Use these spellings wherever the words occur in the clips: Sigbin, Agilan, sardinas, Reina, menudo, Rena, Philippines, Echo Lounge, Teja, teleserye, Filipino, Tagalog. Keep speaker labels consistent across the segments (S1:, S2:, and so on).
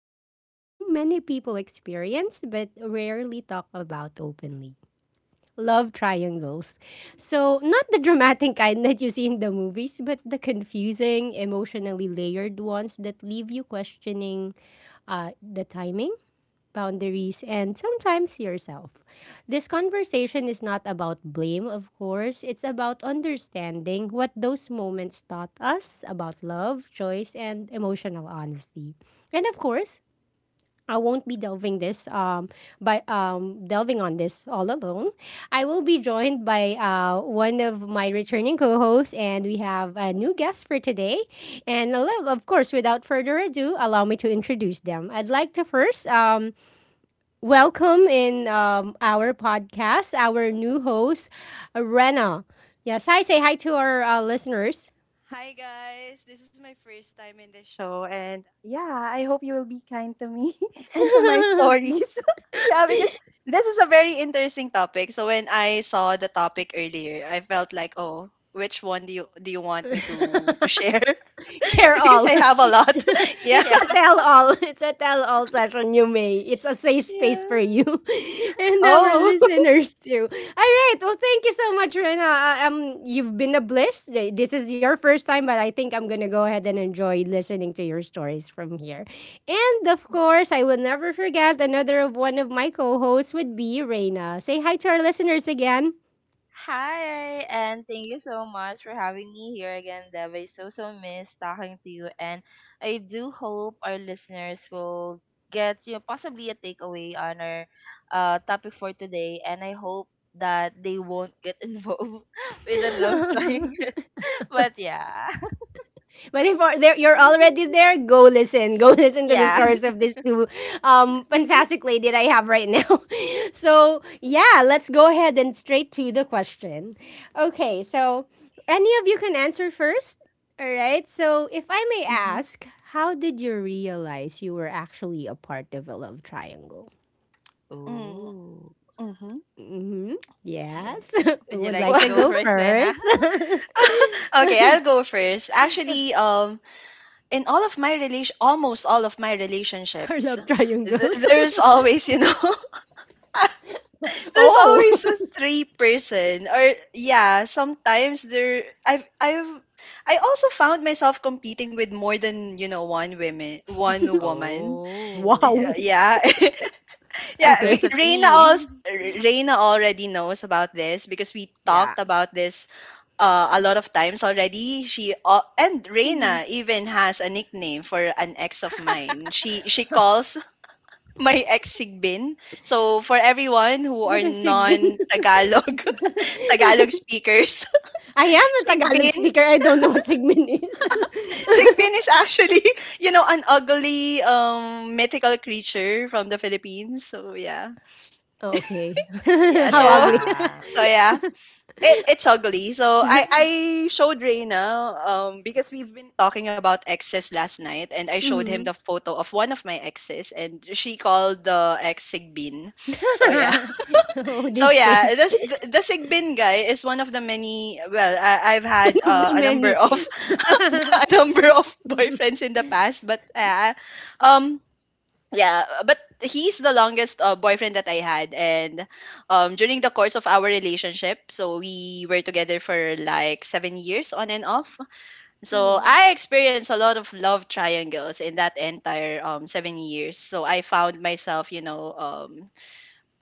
S1: About something many people experience but rarely talk about openly: love triangles. So, not the dramatic kind that you see in the movies, but the confusing, emotionally layered ones that leave you questioning the timing, boundaries, and sometimes yourself. This conversation is not about blame, of course. It's about understanding what those moments taught us about love, choice, and emotional honesty. And of course, I won't be delving this by delving on this all alone. I will be joined by one of my returning co-hosts, and we have a new guest for today. And of course, without further ado, allow me to introduce them. I'd like to first welcome in our new host, Rena. Yes, hi. Say hi to our listeners.
S2: Hi guys, this is my first time in the show, and yeah, I hope you will be kind to me and to my stories. yeah, because this is a very interesting topic. So when I saw the topic earlier, I felt like, oh, which one do you want me to share?
S1: Share
S2: Because
S1: all.
S2: I have a lot. Yeah.
S1: It's
S3: Yeah.
S1: a tell all. It's a tell all session, you may. It's a safe space
S2: Yeah.
S1: for you and our
S2: Oh.
S1: listeners too. All right. Well, thank you so much, Rena. You've been a bliss. This is your first time, but I think I'm gonna go ahead and enjoy listening to your stories from here. And of course, I will never forget another of one of my co-hosts would be Rena. Say hi to our listeners again.
S3: Hi, and thank you so much for having me here again, Dev. I so, so miss talking to you, and I do hope our listeners will get possibly a takeaway on our topic for today, and I hope that they won't get involved with a love triangle. But yeah,
S1: 24 there, you're already there. Go listen, go listen to the
S3: yeah.
S1: stories of these two fantastic lady that I have right now. So yeah, let's go ahead and straight to the question. Okay, so any of you can answer first. All right, so if I may
S2: Mm-hmm.
S1: ask, how did you realize you were actually a part of a love triangle?
S3: Oh,
S2: Mm-hmm.
S1: Mm-hmm.
S3: would,
S1: Yes. Who
S3: would you
S1: would
S3: like
S1: like
S3: to
S1: to
S3: go
S1: go
S3: first, Rena?
S1: first?
S2: Okay, I'll go first. In all of my relation almost all of my
S1: Our
S2: relationships
S1: love triangles.
S2: there's always there's
S1: Oh.
S2: always a three person or yeah, sometimes there I've I also found myself competing with more than one women one woman.
S3: Oh,
S1: Wow.
S2: Yeah. Yeah,
S1: Okay.
S3: there's a
S2: Reina
S3: T.
S2: also Reina already knows about this because we
S3: Yeah.
S2: talked about this a lot of times already. She and
S1: Mhm.
S2: Reina even has a nickname for an ex of mine. She calls my ex Sigbin. So for everyone who are
S1: What is sigbin?
S2: non Tagalog Tagalog speakers,
S1: I am a Tagalog
S2: Sigbin
S1: speaker. I don't know what sigbin is.
S2: Sigbin is actually an ugly mythical creature from the Philippines. So yeah,
S1: Oh, okay.
S2: yeah.
S1: How
S2: So
S1: ugly.
S3: Yeah.
S2: so yeah, it's ugly. So I showed Reyna, because we've been talking about exes last night, and I showed him the
S1: Mhm.
S2: photo of one of my exes, and she called the ex Sigbin. So yeah.
S1: Oh,
S2: So
S1: this
S2: yeah,
S1: thing.
S2: this the Sigbin guy is one of the many. Well, I've
S1: One
S2: had
S1: of the
S2: a number
S1: many.
S2: of a number of boyfriends in the past, but um yeah, but he's the longest boyfriend that I had. And during the course of our relationship, so we were together for like 7 years on and off, so
S1: Mhm.
S2: I experienced a lot of love triangles in that entire 7 years. So I found myself you know um,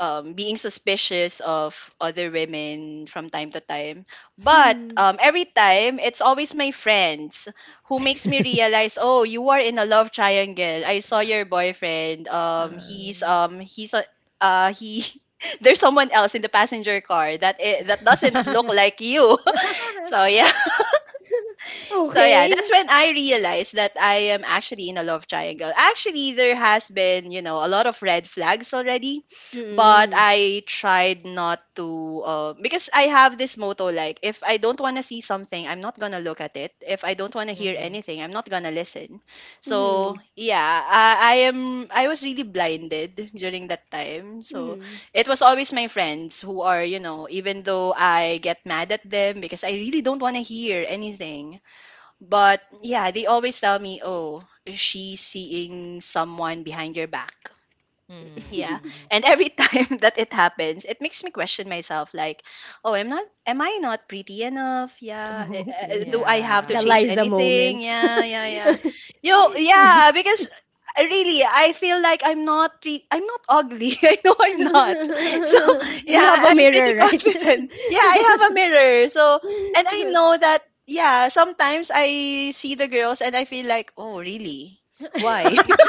S2: um, being suspicious of other women from time to time. But
S1: Hmm.
S2: every time, it's always my friends who makes me realize, oh, you are in a love triangle. I saw your boyfriend.
S1: Um.
S2: He's a he. There's someone else in the passenger car that doesn't look like you. So yeah. So yeah,
S1: Okay.
S2: that's when I realized that I am actually in a love triangle. Actually, there has been, you know, a lot of red flags already, but
S1: Mm-mm.
S2: I tried not to, because I have this motto like, if I don't want to see something, I'm not going to look at it. If I don't want to hear
S3: Mhm.
S2: anything, I'm not going to listen.
S1: Mm-hmm.
S2: So, yeah, I am I was really blinded during that time. So,
S1: Mm-hmm.
S2: it was always my friends who are, you know, even though I get mad at them because I really don't want to hear anything. But yeah, they always tell me, oh, she's seeing someone behind your back.
S3: Mhm,
S2: Yeah.
S3: mhm.
S2: And every time that it happens, it makes me question myself like, oh, I'm not am I not pretty enough? Yeah.
S1: Okay.
S2: Do I have to
S1: The
S3: Yeah.
S2: change
S1: Liza
S2: anything?
S1: moment.
S2: Yeah, yeah, yeah. Yeah, because really, I feel like I'm not ugly. I know I'm not. So,
S1: You have
S2: yeah,
S1: a
S2: I'm pretty
S1: mirror, right?
S2: confident. Yeah, I have a mirror. So, and I know that, yeah, sometimes I see the girls and I feel like, "Oh, really? Why?"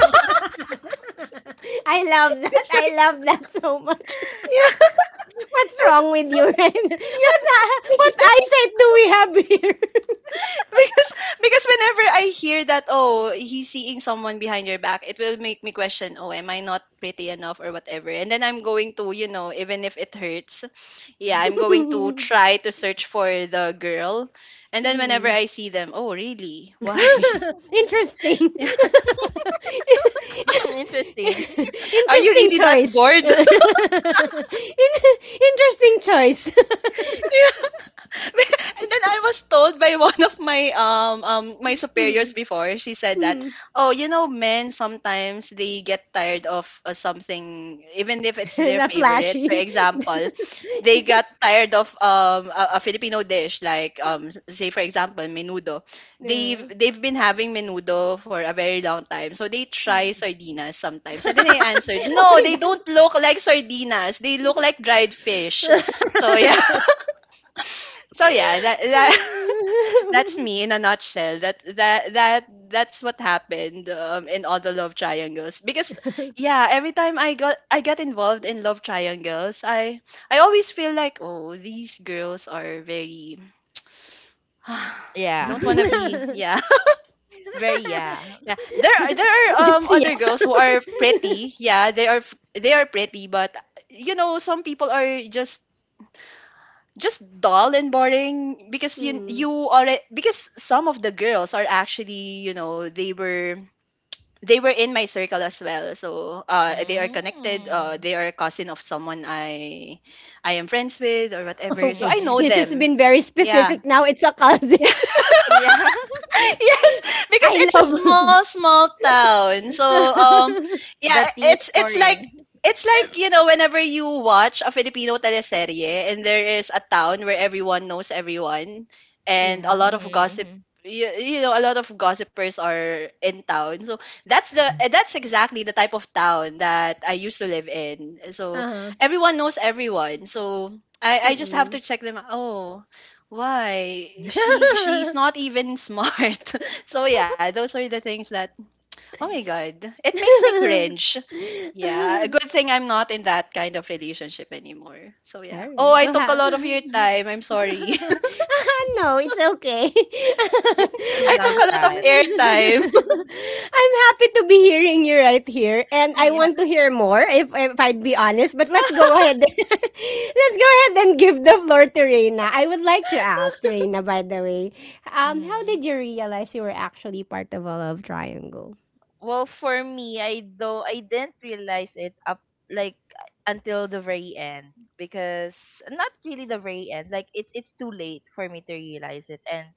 S1: I love that.
S2: It's like,
S1: I love that so much.
S2: yeah.
S1: What's wrong with you, right?
S2: Yeah. It's,
S1: What eyesight do we have here?
S2: because because whenever I hear that, oh, he's seeing someone behind your back, it will make me question, oh, am I not pretty enough or whatever. And then I'm going to, you know, even if it hurts, yeah, I'm going to try to search for the girl, and then whenever
S1: Hmm.
S2: I see them, oh, really, why?
S1: Interesting.
S3: Mm, interesting.
S2: Are you
S1: Interesting
S2: really that
S1: choice.
S2: bored?
S1: Interesting choice.
S2: And then I was told by one of my my
S1: Hmm.
S2: superiors before. She said that,
S1: Hmm.
S2: "Oh, you know, men sometimes they get tired of something even if it's their
S1: Not
S2: favorite. For
S1: flashy.
S2: example, they got tired of a Filipino dish like say for example, menudo. They've
S1: Yeah.
S2: they've been having menudo for a very long time. So they try sardinas sometimes." And then I answered,
S1: Oh
S2: "No, they
S1: my god.
S2: don't look like sardinas. They look like dried fish." So yeah. So yeah, that's me in a nutshell. That's what happened in all the love triangles. Because yeah, every time I get involved in love triangles, I always feel like, oh, these girls are very. I
S3: Yeah.
S2: don't want to be, yeah.
S3: Very yeah.
S2: Yeah. There are
S1: Just
S2: other girls
S1: Josiah.
S2: who are pretty. Yeah, they are pretty, but you know, some people are just dull and boring because
S1: Hmm.
S2: you already because some of the girls are actually, you know, they were in my circle as well, so they are connected. Uh,
S3: Mm.
S2: they are a cousin of someone I am friends with or whatever, so
S3: Mhm,
S1: Okay.
S2: I know
S1: This
S3: mhm.
S1: has
S2: them.
S1: been very
S2: Yeah.
S1: specific now. It's a cousin.
S3: Yeah.
S2: Yes, because
S1: I
S2: it's a
S1: love.
S2: small, small town. So yeah,
S3: The tea is
S2: it's like
S3: pouring.
S2: it's like, you know, whenever you watch a Filipino teleserye, and there is a town where everyone knows everyone, and a
S1: Yeah.
S2: lot of gossip.
S3: Mhm,
S2: You know, a lot of gossipers are in town, so that's the that's exactly the type of town that I used to live in, so
S1: Uh-huh.
S2: everyone knows everyone, so I just have
S1: Mm-mm.
S2: to check them out. Oh, why?
S3: mhm.
S2: She's not even smart. So yeah, those are the things that oh my god. It makes me cringe. Yeah. A good thing I'm not in that kind of relationship anymore. So
S1: All
S2: yeah. Oh,
S1: right.
S2: I took a lot of your time. I'm sorry.
S3: Love
S1: No, it's okay.
S2: I took
S3: loves
S2: a lot of
S3: that.
S2: airtime.
S1: I'm happy to be hearing you right here, and I
S3: Yeah.
S1: want to hear more. If I'd be honest, but let's go ahead. Let's go ahead and give the floor to Reina. I would like to ask Reina, by the way, how
S3: Mhm.
S1: did you realize you were actually part of a love triangle?
S3: Well, for me, I though I didn't realize it up like until the very end because not really the very end. Like it's too late for me to realize it, and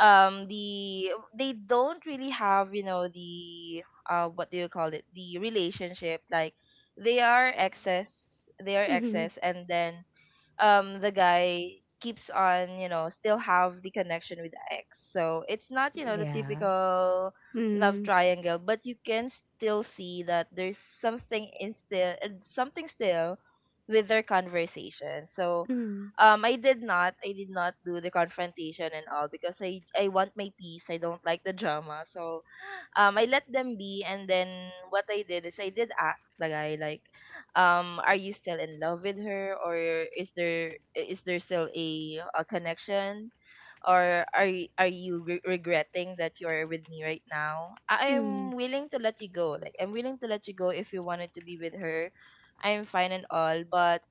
S3: the they don't really have the what do you call it the relationship like they are
S1: Mm-hmm.
S3: excess and then the guy keeps on still have the connection with the ex so it's not the
S1: Yeah.
S3: typical love
S1: Mm-hmm.
S3: triangle but you can still see that there's something in still and something still with their conversation. So I did not do the confrontation and all because I want my peace, I don't like the drama. So I let them be, and then what I did is I did ask the guy like, are you still in love with her, or is there still a connection, or are y- are you re- regretting that you are with me right now? I
S1: Mm-hmm.
S3: am willing to let you go. Like I'm willing to let you go if you wanted to be with her. I am fine and all, but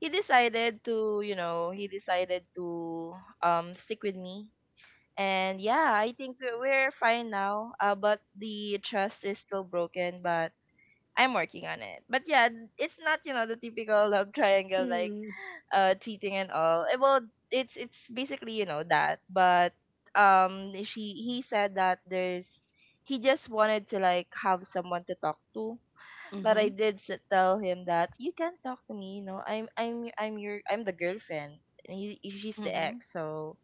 S3: he decided to he decided to stick with me. And yeah, I think we're fine now. But the trust is still broken, but I'm working on it. But yeah, it's not, you know, the typical love triangle like cheating and all. Well, it's basically, you know, that. But she he said that there's he just wanted to like have someone to talk to, but
S2: Mm-hmm.
S3: tell him that you can't talk to me. You know, I'm y- I'm your I'm the girlfriend, and she's the
S2: Mm-hmm.
S3: ex. So,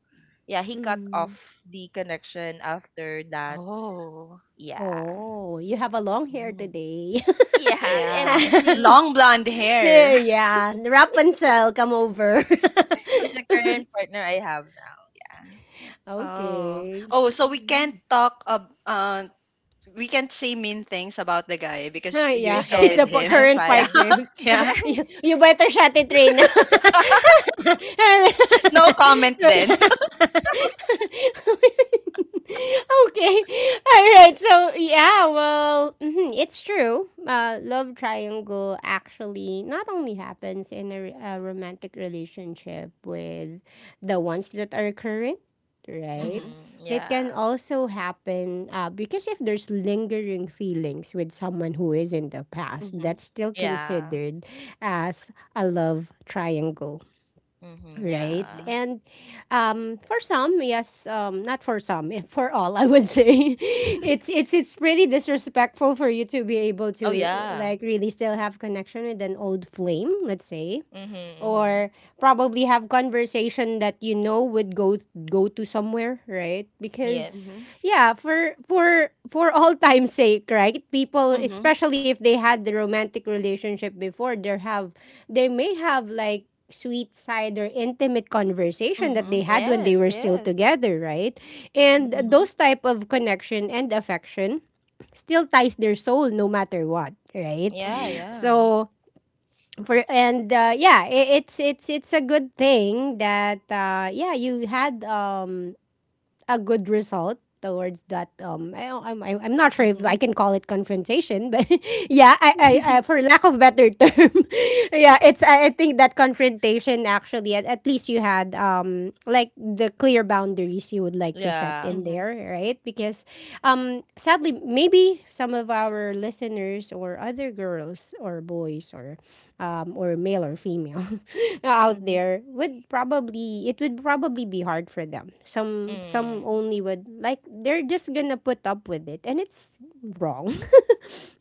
S3: yeah, he cut
S1: Mm-hmm.
S3: off the connection after that.
S2: Oh.
S3: Yeah,
S1: Oh, you have a long hair
S2: Mm.
S1: today.
S3: yeah, and
S2: Yeah. Long blonde hair.
S1: Yeah, Rapunzel, come over.
S3: he's the current partner I have now. Yeah.
S2: Oh.
S1: Okay.
S2: Oh, so we can't talk we can't say mean things about the guy
S1: Huh?
S2: because you're
S1: Yeah,
S3: You
S2: still
S1: he's the
S2: with
S3: can.
S1: pa
S2: him.
S3: I'm
S1: current
S2: Yeah.
S3: fine.
S1: partner.
S2: Yeah.
S1: You better shut it, Reyna.
S2: No comment then.
S1: Okay. Alright, so, yeah, well, mhm, it's true. Love triangle actually not only happens in a, a romantic relationship with the ones that are current, right?
S2: Mm-hmm.
S3: Mm-hmm.
S1: It
S3: Yeah.
S1: can also happen because if there's lingering feelings with someone who is in the past,
S2: Mm-hmm.
S1: that's still
S3: Yeah.
S1: considered as a love triangle,
S3: Mm-hmm.
S1: right?
S2: Mm-hmm.
S3: Yeah.
S1: And for some, yes, not for some, eh, for all, I would say, it's pretty disrespectful for you to be able
S3: Oh
S1: to
S3: yeah.
S1: like really still have connection with an old flame, let's say,
S3: Mm-hmm. Mm-hmm.
S1: or probably have conversation that you know would go to somewhere, right? Because
S3: Yes.
S2: Mm-hmm.
S1: yeah, for all time's sake, right? People
S2: Mm-hmm.
S1: especially if they had the romantic relationship before they have, they may have like sweet side or intimate conversation that they
S2: Mm-hmm.
S1: had when they
S3: Yes.
S1: were still
S3: Yes.
S1: together, right? And
S3: Mm-hmm.
S2: Mm-hmm.
S1: those type of connection and affection still ties their soul no matter what, right?
S3: Yeah,
S2: Mm-hmm.
S3: yeah.
S1: So for and yeah, it's a good thing that yeah, you had a good result towards that. I'm I'm not sure if
S2: Mm-hmm.
S1: I can call it confrontation, but yeah, I for lack of better term, yeah, it's I think that confrontation actually at least you had like the clear boundaries you would like to set
S3: Yeah.
S1: in
S2: Mm-hmm.
S1: there, right? Because sadly maybe some of our listeners or other girls or boys or male or female out
S2: Mm-hmm.
S1: there would probably, it would probably be hard for them. Some
S3: Mm.
S1: only would like, they're just gonna put up with it, and it's wrong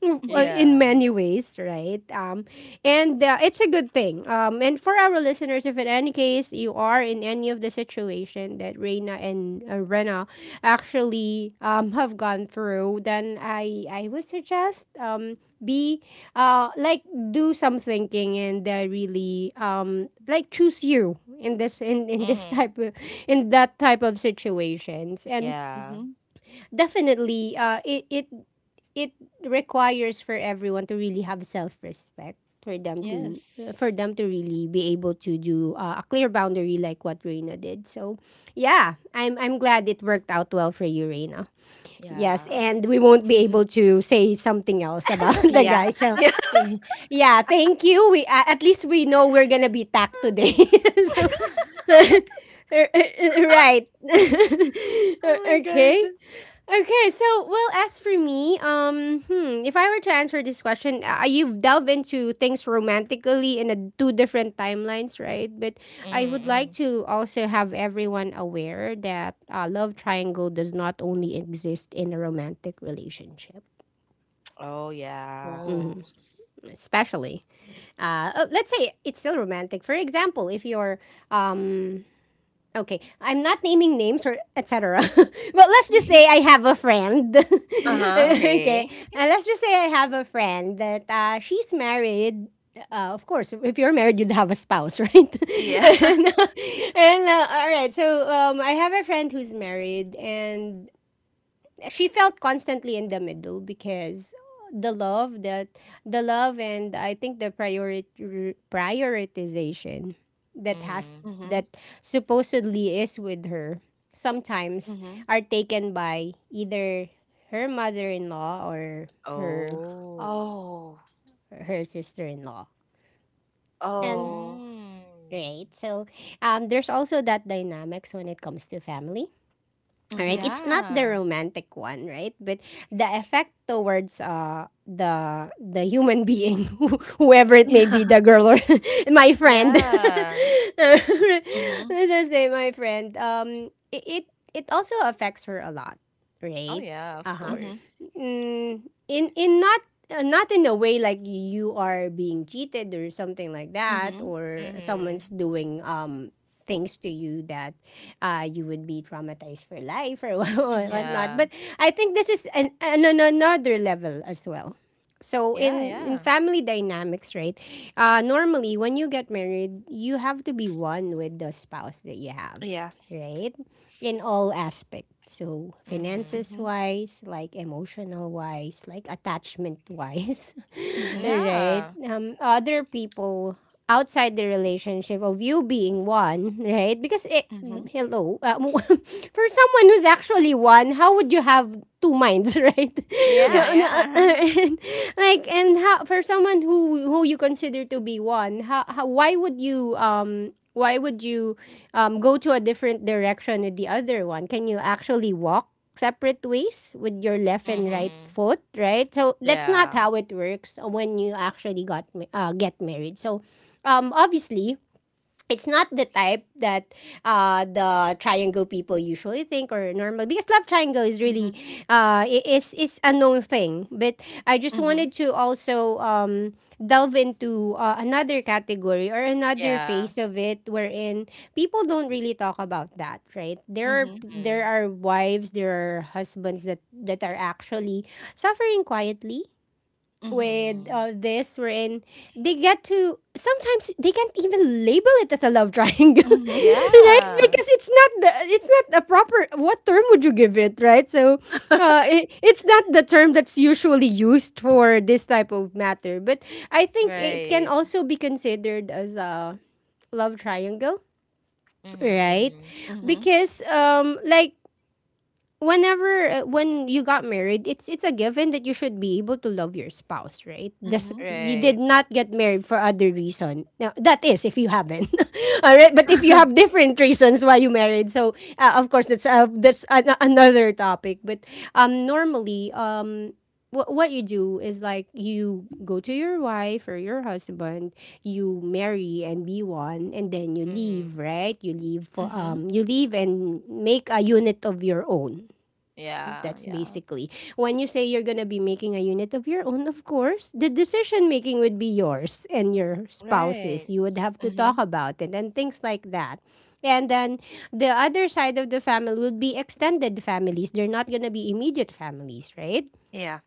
S1: in
S3: Yeah.
S1: many ways, right? And it's a good thing, and for our listeners, if in any case you are in any of the situation that Reina and Rena actually have gone through, then I would suggest be like do some thinking and really like choose you in this
S3: Mm-hmm.
S1: type of in that type of situations, and
S3: Yeah.
S2: Mm-hmm.
S1: definitely it requires for everyone to really have self-respect, for them
S2: Mm-hmm.
S1: to, for
S3: Yes.
S1: them to really be able to do a clear boundary like what Reina did. So, yeah, I'm glad it worked out well for you, Reina. Yes,
S3: Yeah.
S1: and we won't be
S2: Yeah.
S1: able to say something else about the guy. So,
S2: Yeah.
S1: eh, yeah, thank you. We at least we know we're gonna be tagged today. So, right.
S2: Oh my god.
S1: Okay. Okay, so well, as for me, hmm, if I were to answer this question, you delve into things romantically in a, two different timelines, right? But I would
S3: Mm-hmm.
S1: like to also have everyone aware that love triangle does not only exist in a romantic relationship,
S3: Oh, yeah.
S2: Oh.
S1: especially oh, let's say it's still romantic. For example, if you're um, okay, I'm not naming names or etc. But let's just say I have a friend.
S2: Uh-huh.
S1: Okay,
S3: Okay.
S1: let's just say I have a friend that she's married. Of course, if you're married, you'd have a spouse, right?
S2: Yeah.
S1: And all right, so I have a friend who's married, and she felt constantly in the middle because the love that the love and I think the prioritization that has
S3: Mm.
S2: Mm-hmm.
S1: that supposedly is with her sometimes
S2: Mm-hmm.
S1: are taken by either her mother-in-law or her
S3: Oh.
S2: Oh.
S1: her sister-in-law, and
S2: Oh.
S3: Mm.
S1: right, so there's also that dynamics when it comes to family. All right,
S2: Mm-hmm.
S1: it's not the
S3: Yeah.
S1: romantic one, right? But the effect towards the human being, who- whoever it may
S2: Yeah.
S1: be, the girl or my friend.
S3: Yeah.
S2: Mm-hmm.
S1: Let's just say my friend. It it, it also affects her a lot,
S3: Oh,
S1: right?
S3: yeah, of
S1: Uh huh.
S2: Mm-hmm.
S3: course.
S1: Mm, in not in a way like you are being cheated or something like that,
S2: Mm-hmm.
S1: or someone's
S3: Mm-hmm.
S1: doing things to you that you would be traumatized for life or what-
S2: Mm-hmm.
S1: whatnot.
S3: Yeah.
S1: But I think this is an, an another level as well. So
S3: Yeah,
S1: in
S3: yeah.
S1: family dynamics, right? Normally when you get married, you have to be one with the spouse that you have, right? In all aspects. So
S3: Mm-hmm.
S1: finances
S2: Yeah.
S1: wise, like emotional wise, like attachment wise,
S2: Mhm,
S1: right?
S3: Yeah.
S1: Other people outside the relationship of you being one, right? Because
S2: mhm,
S1: hello, for someone who's actually one, how would you have two minds, right?
S3: Yeah,
S2: yeah,
S3: yeah.
S1: And, like and how for someone who you consider to be one, how, why would you go to a different direction with the other one? Can you actually walk separate ways with your left and
S2: mhm,
S1: right
S3: Mm-hmm.
S1: foot, right? So that's not
S3: Yeah.
S1: how it works when you actually got get married. So obviously, it's not the type that the triangle people usually think or normal, because love triangle is really
S2: mhm,
S1: is a known thing. But I just
S2: mhm,
S1: wanted to also delve into another category or another
S3: Yeah.
S1: phase of it, wherein people don't really talk about that, right?
S2: mhm,
S1: There
S3: Mm-hmm.
S1: are wives, there are husbands that are actually suffering quietly
S2: mhm, mhm,
S1: with
S3: Mhm.
S1: this wherein they get to, sometimes they can't even label it as a love triangle,
S2: mhm,
S1: right?
S3: Yeah.
S1: Because it's not the, it's not a proper, what term would you give it, right? So it's not the term that's usually used for this type of matter, but I think it can
S3: Right.
S1: also be considered as a love triangle,
S3: Mhm.
S1: right?
S3: Mhm.
S2: mhm,
S1: Because like whenever when you got married, it's a given that you should be able to love your spouse, right? This,
S2: mhm,
S1: you
S3: Right.
S1: did not get married for other reason. Now that is if you haven't, all right. But if you have different reasons why you married, so of course that's another topic. But normally. What you do is like you go to your wife or your husband, you marry and be one, and then you
S3: Mhm.
S1: leave, right?
S2: mhm,
S1: You leave and make a unit of your own.
S3: Yeah.
S1: That's
S3: Yeah.
S1: basically when you say you're gonna be making a unit of your own, of course, the decision making would be yours and your spouse's.
S3: Right.
S1: You would have to talk about it and things like that. And then the other side of the family would be extended families. They're not gonna be immediate families, right?
S2: yeah,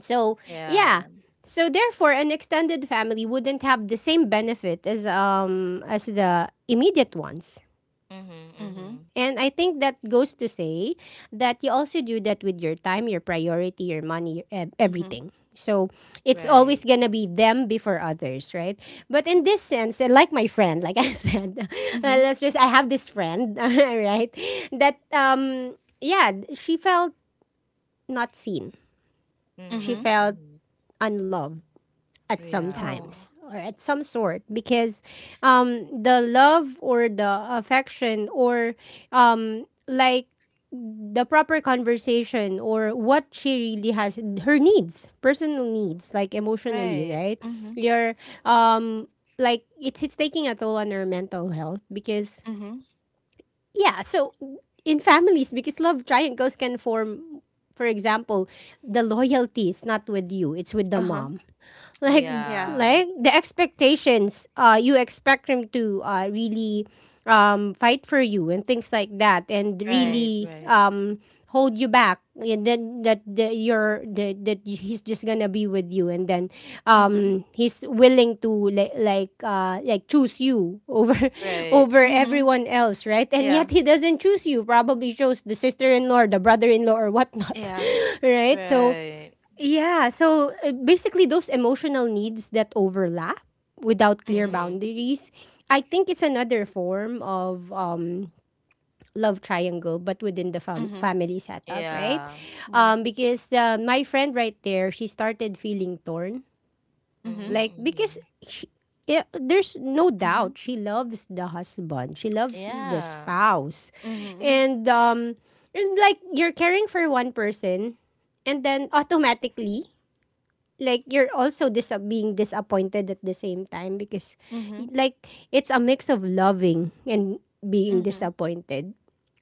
S1: So
S3: Yeah.
S1: yeah. So therefore an extended family wouldn't have the same benefit as as the immediate ones.
S3: Mhm.
S2: mhm,
S3: Mhm.
S1: And I think that goes to say that you also do that with your time, your priority, your money, your,
S2: mhm,
S1: everything. So it's
S3: Right.
S1: always gonna be them before others, right? But in this sense, and like my friend, like I said,
S2: mhm,
S1: let's just I have this friend, right? That yeah, she felt not seen. She
S2: mhm,
S3: Mhm.
S1: felt
S3: Mhm.
S1: unloved at some
S3: Yeah.
S1: times
S2: oh,
S1: or at some sort, because the love or the affection or like the proper conversation, or what she really has, her needs, personal needs, like emotionally,
S3: Right.
S1: right?
S2: mhm,
S1: Your um like it's taking a toll on her mental health because
S2: mhm,
S1: yeah, so in families, because love triangles can form. For example, the loyalty is not with you, it's with the
S2: uh-huh,
S1: mom. like
S2: yeah,
S3: Yeah.
S1: like the expectations, you expect him to really fight for you and things like that, and
S2: mhm,
S3: Right.
S1: really
S3: Right.
S1: hold you back, and then that, that he's just gonna be with you, and then
S2: mhm,
S1: he's willing to like like choose you over
S3: Right.
S1: over
S2: mhm,
S1: everyone else, right? And
S2: yeah,
S1: yet he doesn't choose you, probably chose the sister-in-law or the brother-in-law or whatnot.
S2: yeah,
S1: Right, so
S3: Right.
S1: yeah. So basically, those emotional needs that overlap without clear
S2: mhm,
S3: Mhm.
S1: boundaries, I think it's another form of love triangle, but within the
S2: mhm,
S1: family setup, right?
S3: Yeah.
S2: yeah,
S1: Because my friend right there, she started feeling torn.
S2: mhm,
S1: Like,
S3: Mhm.
S1: because
S3: Mhm.
S1: she, yeah, there's no
S2: mhm,
S1: doubt she loves the husband, she loves the
S3: Yeah.
S1: spouse.
S2: mhm,
S1: And it's like you're caring for one person, and then automatically, like you're also being disappointed at the same time, because like it's a mix of loving and being
S2: mhm,
S1: disappointed.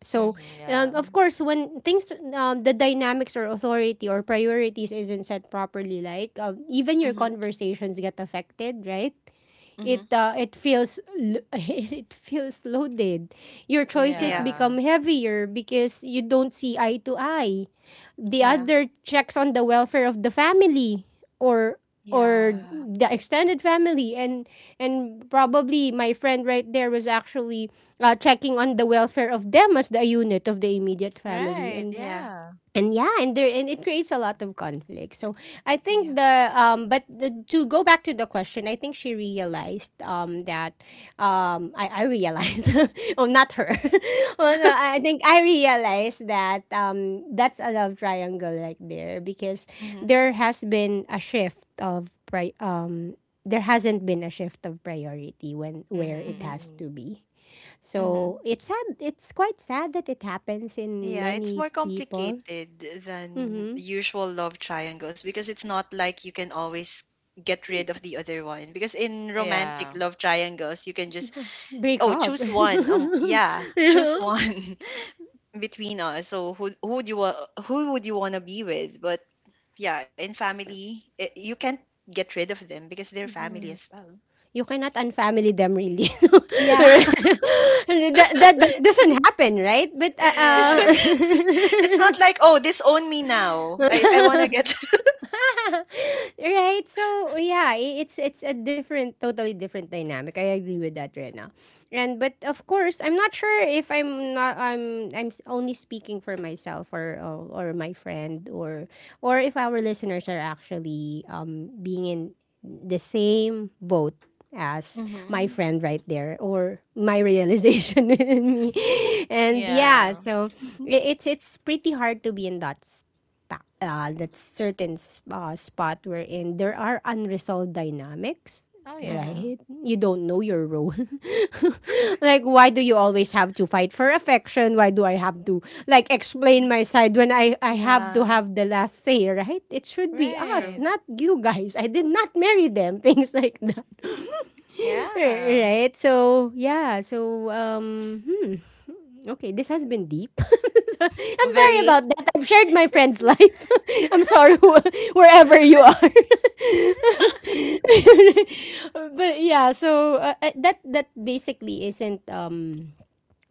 S1: So
S3: Mhm. Yeah.
S2: mhm,
S1: of
S2: yeah,
S1: course when things the dynamics or authority or priorities isn't set properly, like even your
S2: mhm,
S1: conversations get affected, right? it
S2: mhm,
S1: uh, it feels l- it feels loaded. Your choices
S2: yeah,
S3: Yeah.
S1: become heavier because you don't see eye to eye. The
S2: yeah,
S1: other checks on the welfare of the family, or or
S2: yeah,
S1: the extended family, and probably my friend right there was actually checking on the welfare of them as the unit of the immediate family,
S3: Right.
S2: yeah,
S3: Yeah.
S1: and yeah and there and it creates a lot of conflict. So I
S2: yeah.
S1: think the to go back to the question, I think she realized that I realized oh not her, oh, no, I think I realized that that's a love triangle right there, because
S2: Mhm,
S1: there has been a shift of pri- um there hasn't been a shift of priority when where it
S2: mhm,
S1: has
S3: Mhm. Mhm.
S1: to be. So
S2: mhm.
S1: it's sad, it's quite sad that it happens in
S2: Yeah, it's
S1: many
S2: more
S1: people.
S2: complicated than
S1: Mhm.
S2: the usual love triangles because it's not like you can always get rid of the other one. Because in romantic
S3: Yeah.
S2: love triangles, you can just
S1: You break
S2: oh
S1: up.
S2: choose one. Yeah, choose
S1: Yeah.
S2: one between us. So who would you want to be with? But yeah, in family, you can't get rid of them because they're family
S1: Yeah.
S2: as well.
S1: You cannot unfamily them really.
S2: Yeah,
S1: That doesn't happen, right? But
S2: it's
S3: Right.
S2: like, it's not like oh disown me now. I
S1: uh
S2: wanna get.
S1: right? So yeah, it's a different, totally different dynamic. I agree with that, Rena. And but of course, I'm not sure if I'm not I'm I'm s- only speaking for myself, or or my friend, or if our listeners are actually being in the same boat as my
S2: Hmm.
S1: friend right there, or my realization in me, and yeah,
S3: Yeah.
S1: so it's pretty hard to be in that that certain spot wherein there are unresolved dynamics,
S3: Oh
S2: Hmm.
S3: yeah.
S1: right? You don't know your role. Like, why do you always have to fight for affection? Why do I have to like explain my side when I have to
S2: Yeah,
S1: have the last say? Right, it should be us,
S2: true.
S3: Right.
S1: not you guys. I did not marry them. Things like that.
S3: Yeah.
S1: Right, so yeah. So. Okay, this has been deep. I'm sorry
S3: Very.
S1: about that. I've shared my friend's life. I'm sorry wherever you are. But yeah, so that that basically isn't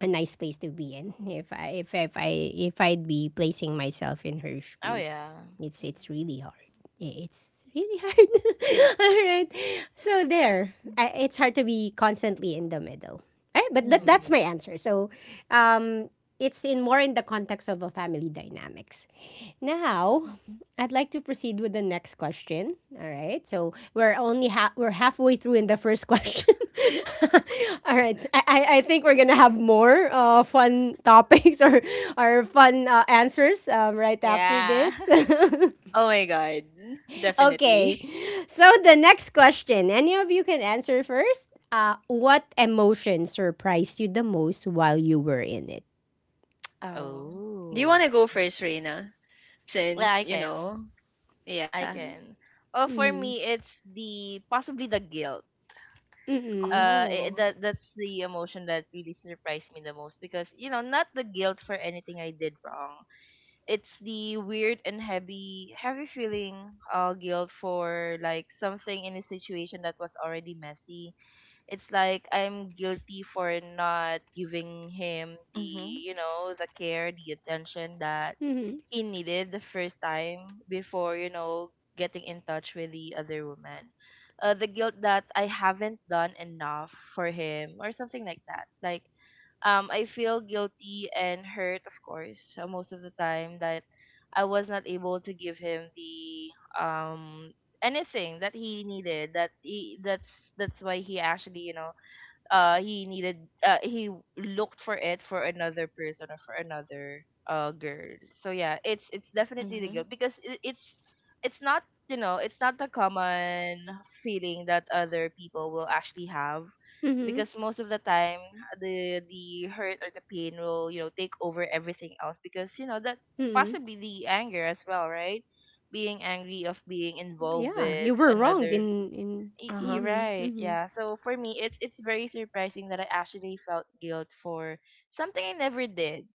S1: a nice place to be in. If I'd be placing myself in her
S3: Oh
S1: shoes,
S3: yeah.
S1: it's
S2: Mm-hmm.
S1: really hard. It's really hard. All right. So there, it's hard to be constantly in the middle. All right, but that
S2: Mm-hmm.
S1: that's
S3: Hmm.
S1: my answer. So, um, it's in more in the context of a family dynamics. Now,
S2: Hmm.
S1: I'd like to proceed with the next question. All right. So we're only ha- we're halfway through in the first question. All right. I think we're gonna have more fun topics or fun answers, right after
S3: Yeah.
S1: this.
S2: Oh my god, definitely.
S1: Okay. So the next question. Any of you can answer first. What emotion surprised you the most while you were in it?
S2: Oh, do you want
S3: Oh.
S2: to go first, Reina?
S3: Well,
S2: Since
S3: I
S2: you
S3: can.
S2: know, yeah.
S3: I can. Oh, for
S1: Mm-hmm.
S3: me, it's the possibly the guilt.
S1: Mm-hmm.
S3: I
S2: Oh.
S3: that that's the emotion that really surprised me the most because you know not the guilt for anything I did wrong. It's the weird and heavy, heavy feeling, guilt for like something in a situation that was already messy. It's like I'm guilty for not giving him the,
S2: Mm-hmm.
S3: you know, the care, the attention that
S1: Mm-hmm.
S3: he needed the first time before, you know, getting in touch with the other woman. The guilt that I haven't done enough for him or something like that. Like, I feel guilty and hurt, of course, most of the time that I was not able to give him the um anything that he needed, that he that's why he actually you know he needed he looked for it for another person or for another girl. So yeah, it's definitely the
S2: Mm-hmm.
S3: guilt because it's it's not you know it's not the common feeling that other people will actually have.
S1: Mm-hmm.
S3: Because most of the time the hurt or the pain will you know take over everything else because you know that, possibly the anger as well, right? Being angry of
S1: Yeah, you
S3: being
S1: were wronged
S3: involved with
S1: in,
S3: another.
S1: mhm,
S3: Y-
S1: mhm,
S2: Uh-huh.
S3: You're right. Yeah. So for me, it's very surprising that I actually felt guilt for
S1: mhm,
S3: something I never did.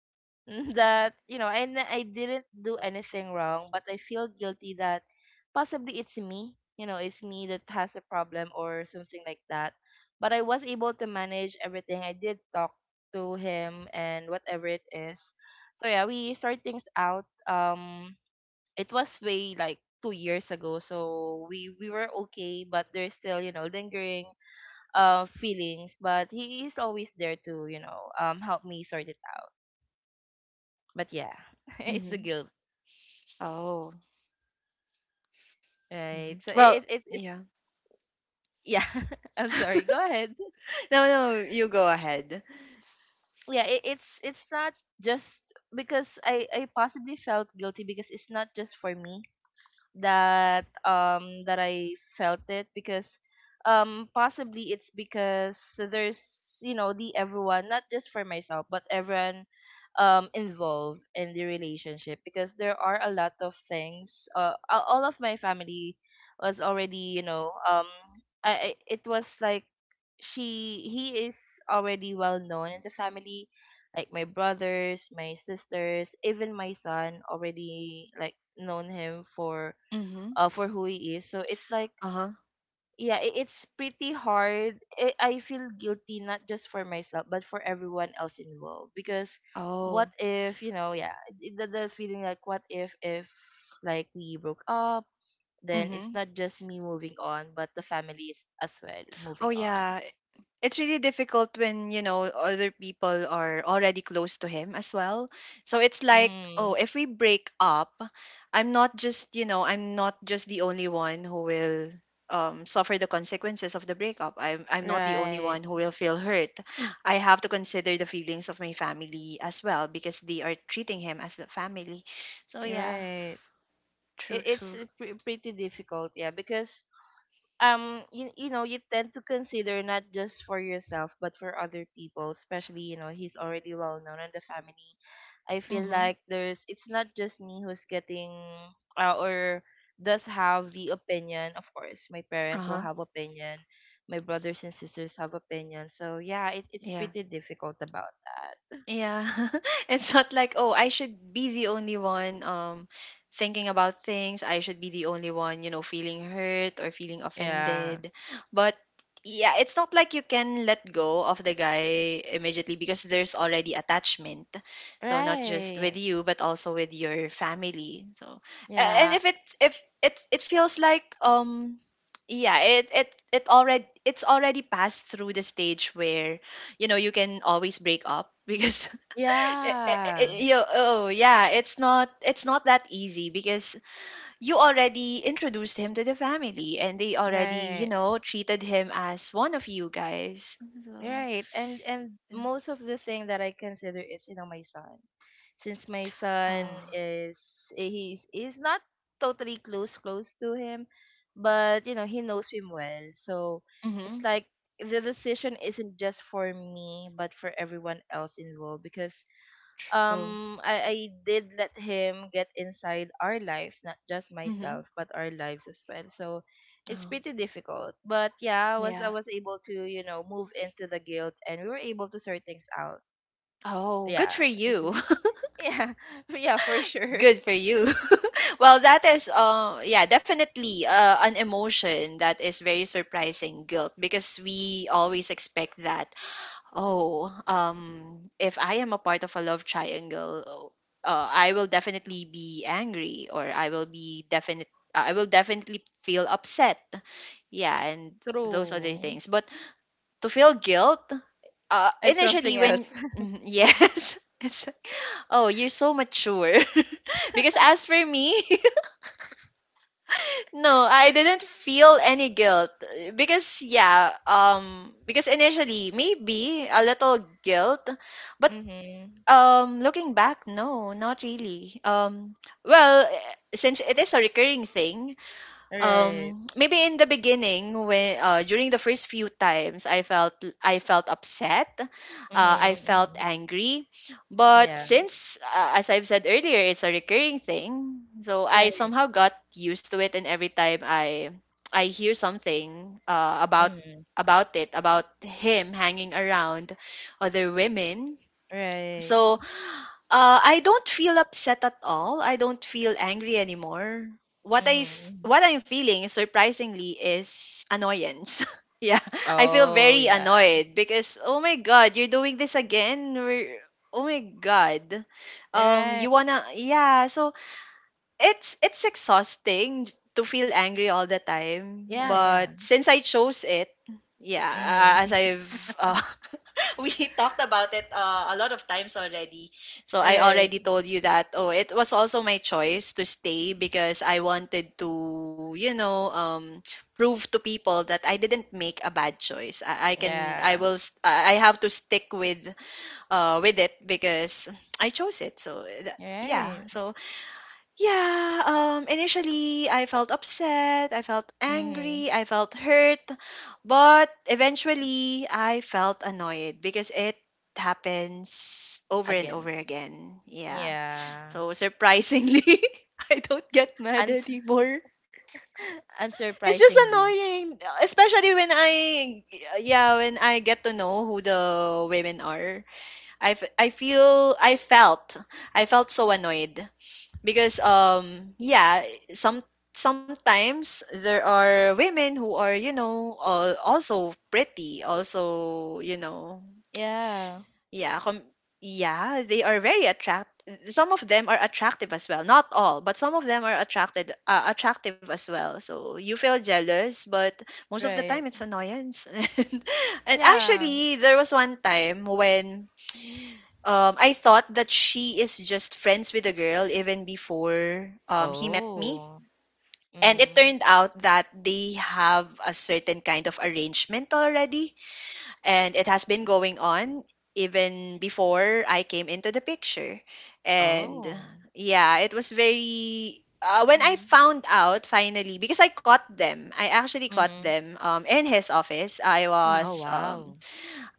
S3: That you know, and I didn't do anything wrong, but I feel guilty that possibly it's me. You know, it's me that has a problem or something like that. But I was able to manage everything. I did talk to him and whatever it is. So yeah, we sort things out. It was way like 2 years ago so we were okay, but there's still you know lingering feelings, but he is always there to you know help me sort it out.
S1: mhm.
S3: But yeah, it's the
S2: Mm-hmm.
S3: guilt.
S2: Oh. Mm-hmm.
S3: Right so
S2: Well,
S3: it's
S2: yeah.
S3: yeah. I'm sorry, go ahead.
S2: No, no, you go ahead.
S3: Yeah, it's it's not just because I possibly felt guilty because it's not just for me that that I felt it because possibly it's because there's you know the everyone, not just for myself but everyone involved in the relationship because there are a lot of things. All of my family was already you know I it was like she he is already well known in the family. Like my brothers, my sisters, even my son already like known him
S2: Mm-hmm.
S3: for who he is. So it's like,
S2: Uh-huh.
S3: yeah, it's pretty hard. I feel guilty not just for myself, but for everyone else involved. Because what
S2: Oh.
S3: if, you know, yeah, the feeling like what if like we broke up, then it's
S2: Mm-hmm.
S3: not just me moving on, but the family is as
S2: Oh
S3: well moving
S2: yeah.
S3: on.
S2: It's really difficult when you know other people are already close to him as well, so it's like,
S3: Mm,
S2: oh, if we break up, I'm not just you know, I'm not just the only one who will suffer the consequences of the breakup. I'm not the only
S3: right,
S2: one who will feel hurt. I have to consider the feelings of my family as well because they are treating him as the family. So yeah,
S3: right. It,
S2: true,
S3: it's
S2: true.
S3: pretty difficult, yeah, because you, you know you tend to consider not just for yourself but for other people, especially you know he's already well known in the family. I feel
S2: Mm-hmm.
S3: like there's it's not just me who's getting or does have the opinion. Of course my parents will
S2: Uh-huh.
S3: have opinion, my brothers and sisters have opinion. So yeah, it's pretty difficult about that.
S2: Yeah. It's not like, oh, I should be the only one thinking about things. I should be the only one, you know, feeling hurt or feeling
S3: Yeah,
S2: offended. But yeah, it's not like you can let go of the guy immediately because there's already attachment. So not just
S3: right,
S2: with you, but also with your family. So and
S3: yeah,
S2: if it it feels like yeah, it already it's already passed through the stage where you know you can always break up because
S3: yeah,
S2: oh yeah, it's not that easy because you already introduced him to the family and they already you
S3: right.
S2: know treated him as one of you guys. So
S3: Right. And
S2: yeah.
S3: most of the thing that I consider is, you know, my son. Since my son
S2: Oh.
S3: is he's not totally close to him, but you know, he knows him well. So it's
S2: Mm-hmm.
S3: like the decision isn't just for me, but for everyone else involved, because
S2: True.
S3: I did let him get inside our life, not just
S2: Mm-hmm.
S3: myself, but our lives as well. So it's
S2: Oh
S3: pretty difficult. But yeah, I
S2: yeah.
S3: was able to, you know, move into the guilt and we were able to sort things out.
S2: Oh,
S3: Yeah.
S2: good for
S3: This
S2: you.
S3: is yeah. Yeah, for sure.
S2: Good for you. Well, that is yeah, definitely an emotion that is very surprising, guilt, because we always expect that oh, if I am a part of a love triangle, oh, I will definitely be angry, or I will be definite. I will definitely feel upset. Yeah, and those other
S3: True.
S2: things. But to feel guilt,
S3: It's
S2: initially
S3: something else.
S2: when Mhm, yes, it's oh, you're so mature. Because as for me, no, I didn't feel any guilt. Because yeah, because initially maybe a little guilt, but
S3: Mhm.
S2: Looking back, no, not really. Well, since it is a recurring thing,
S3: Right.
S2: maybe in the beginning, when during the first few times, I felt upset, I
S3: Mhm.
S2: felt
S3: Mhm.
S2: angry, but
S3: Yeah.
S2: since, as I've said earlier, it's a recurring thing, so I
S3: Right.
S2: somehow got used to it, and every time I hear something
S3: Mhm.
S2: about it, about him hanging around other women.
S3: Right.
S2: So I don't feel upset at all. I don't feel angry anymore. What
S3: Mhm. Mhm.
S2: what I'm feeling surprisingly is annoyance. Yeah, I feel
S3: Oh,
S2: very
S3: yeah.
S2: annoyed because oh my god, you're doing this again. Oh my god,
S3: Right.
S2: you wanna yeah. So it's exhausting to feel angry all the time,
S3: Yeah,
S2: but
S3: yeah.
S2: since I chose it, yeah, a- as
S3: Mm.
S2: I've uh, we talked about it a lot of times already. So I
S3: Right.
S2: already told you that oh, it was also my choice to stay because I wanted to, you know, prove to people that I didn't make a bad choice. I can
S3: Yeah.
S2: I have to stick with it because I chose it. So that, yeah,
S3: Right.
S2: so yeah, initially I felt upset, I felt
S3: Mm-hmm.
S2: angry, I felt hurt, but eventually I felt annoyed because it happens over and over
S3: Again.
S2: again. Yeah.
S3: Yeah.
S2: So surprisingly, I don't get mad
S3: And
S2: anymore. It's just
S3: unsurprisingly.
S2: annoying, especially yeah, when I get to know who the women are. I, f- I feel, I felt, I felt so annoyed because yeah, some sometimes there are women who are, you know, also pretty, also you know,
S3: Yeah.
S2: yeah com- yeah, they are very attract some of them are attractive as well, not all, but some of them are attracted attractive as well, so you feel jealous, but most of the time
S3: Right.
S2: it's annoyance. And
S3: Yeah.
S2: actually there was one time when I thought that she is just friends with the girl even before he met me.
S3: Oh.
S2: And it
S3: Mm-hmm.
S2: turned out that they have a certain kind of arrangement already. And it has been going on even before I came into the picture. And
S3: Oh.
S2: yeah, it was very. When I
S1: Mm-hmm.
S2: found out finally, because I caught them, I actually caught
S3: Mm-hmm.
S2: them in his office.
S3: Oh wow.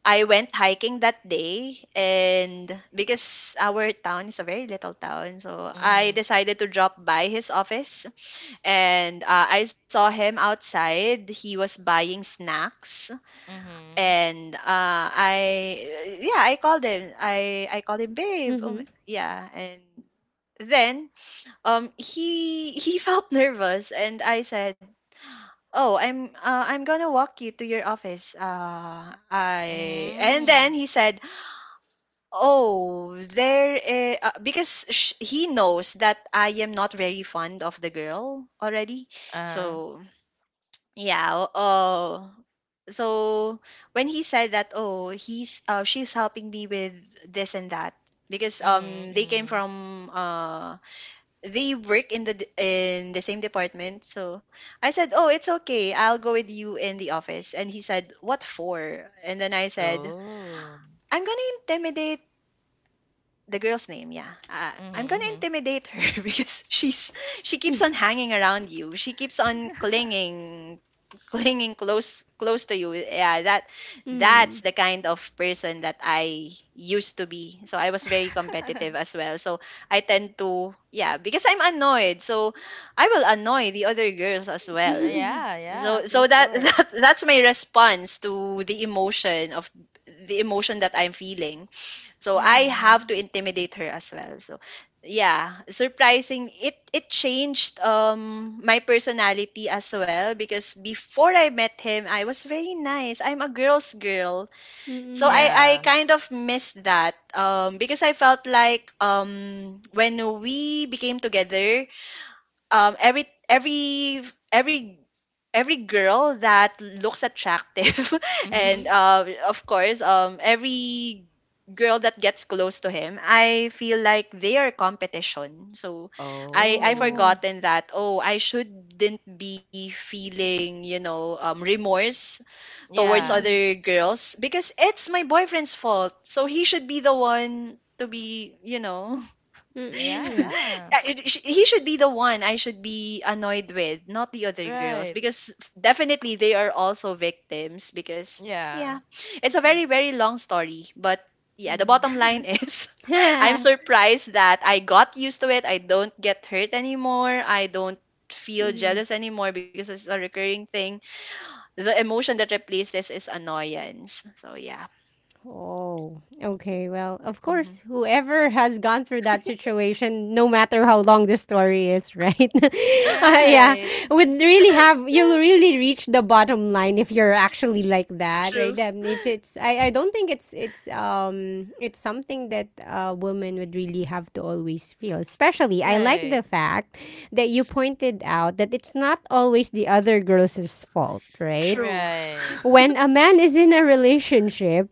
S2: I went hiking that day, and because our town is a very little town, so I
S3: Mm-hmm.
S2: decided to drop by his office, and I saw him outside. He was buying snacks,
S3: Mm-hmm.
S2: and I yeah, I called him. I called him babe.
S1: Mm-hmm.
S2: Yeah, and then he felt nervous, and I said, oh, I'm gonna walk you to your office, I and
S3: Mm-hmm.
S2: then he said Oh, there. Because he knows that I am not very fond of the girl already.
S3: Uh.
S2: So yeah. So when he said that, oh, he's she's helping me with this and that, because
S3: Mm-hmm.
S2: they came
S3: Mm-hmm.
S2: from they work in the in the same department. So I said, oh, it's okay, I'll go with you in the office. And he said, what for? And then I said,
S3: Oh.
S2: I'm gonna intimidate the girl's name, yeah. I'm gonna
S3: Mm-hmm.
S2: intimidate her, because she's she keeps on hanging around you. She keeps on clinging, clinging close to you. Yeah, that that's
S1: Mm.
S2: the kind of person that I used to be. So I was very competitive as well. So I tend to yeah because I'm annoyed. So I will annoy the other girls as
S3: Mm-hmm.
S2: well.
S3: Yeah. Yeah.
S2: So
S3: For
S2: so that,
S3: sure.
S2: that that's my response to the emotion of the emotion that I'm feeling. So I have
S3: Mm-hmm.
S2: to intimidate her as well. So yeah, surprising it changed my personality as well, because before I met him, I was very nice. I'm a girl's girl. So I
S1: Mm-mm.
S2: I
S3: Yeah.
S2: kind of missed that, because I felt like when we became together, um every every every every girl that looks attractive, and
S3: Mm-hmm.
S2: of course every girl that gets close to him, I feel like they are competition. So I
S3: Oh.
S1: Oh.
S2: forgotten that, oh, I shouldn't be feeling, you know, remorse towards
S3: Yeah.
S2: other girls, because it's my boyfriend's fault, so he should be the one to be, you know,
S3: Yeah,
S1: Mm-mm.
S3: yeah.
S2: he should be the one I should be annoyed with, not the other girls,
S3: Right.
S2: because definitely they are also victims. Because
S3: Yeah.
S2: yeah, it's a very very long story, but yeah, the bottom line is. I'm
S1: Mm-hmm.
S2: surprised that I got used to it. I don't get hurt anymore. I don't feel
S1: mm-hmm.
S2: jealous anymore because it's a recurring thing. The emotion that replaces is annoyance. So yeah.
S1: Oh, okay. Well, of
S2: Hmm.
S1: course, whoever has gone through that situation, no matter how long the story is, right? uh, yeah,
S3: Right.
S1: would really have you'll really reach the bottom line if you're actually like that,
S2: True.
S1: right? I don't think it's something that a woman would really have to always feel. Especially, I like
S3: Right.
S1: the fact that you pointed out that it's not always the other girl's fault, right?
S2: True.
S3: Right.
S1: When a man is in a relationship,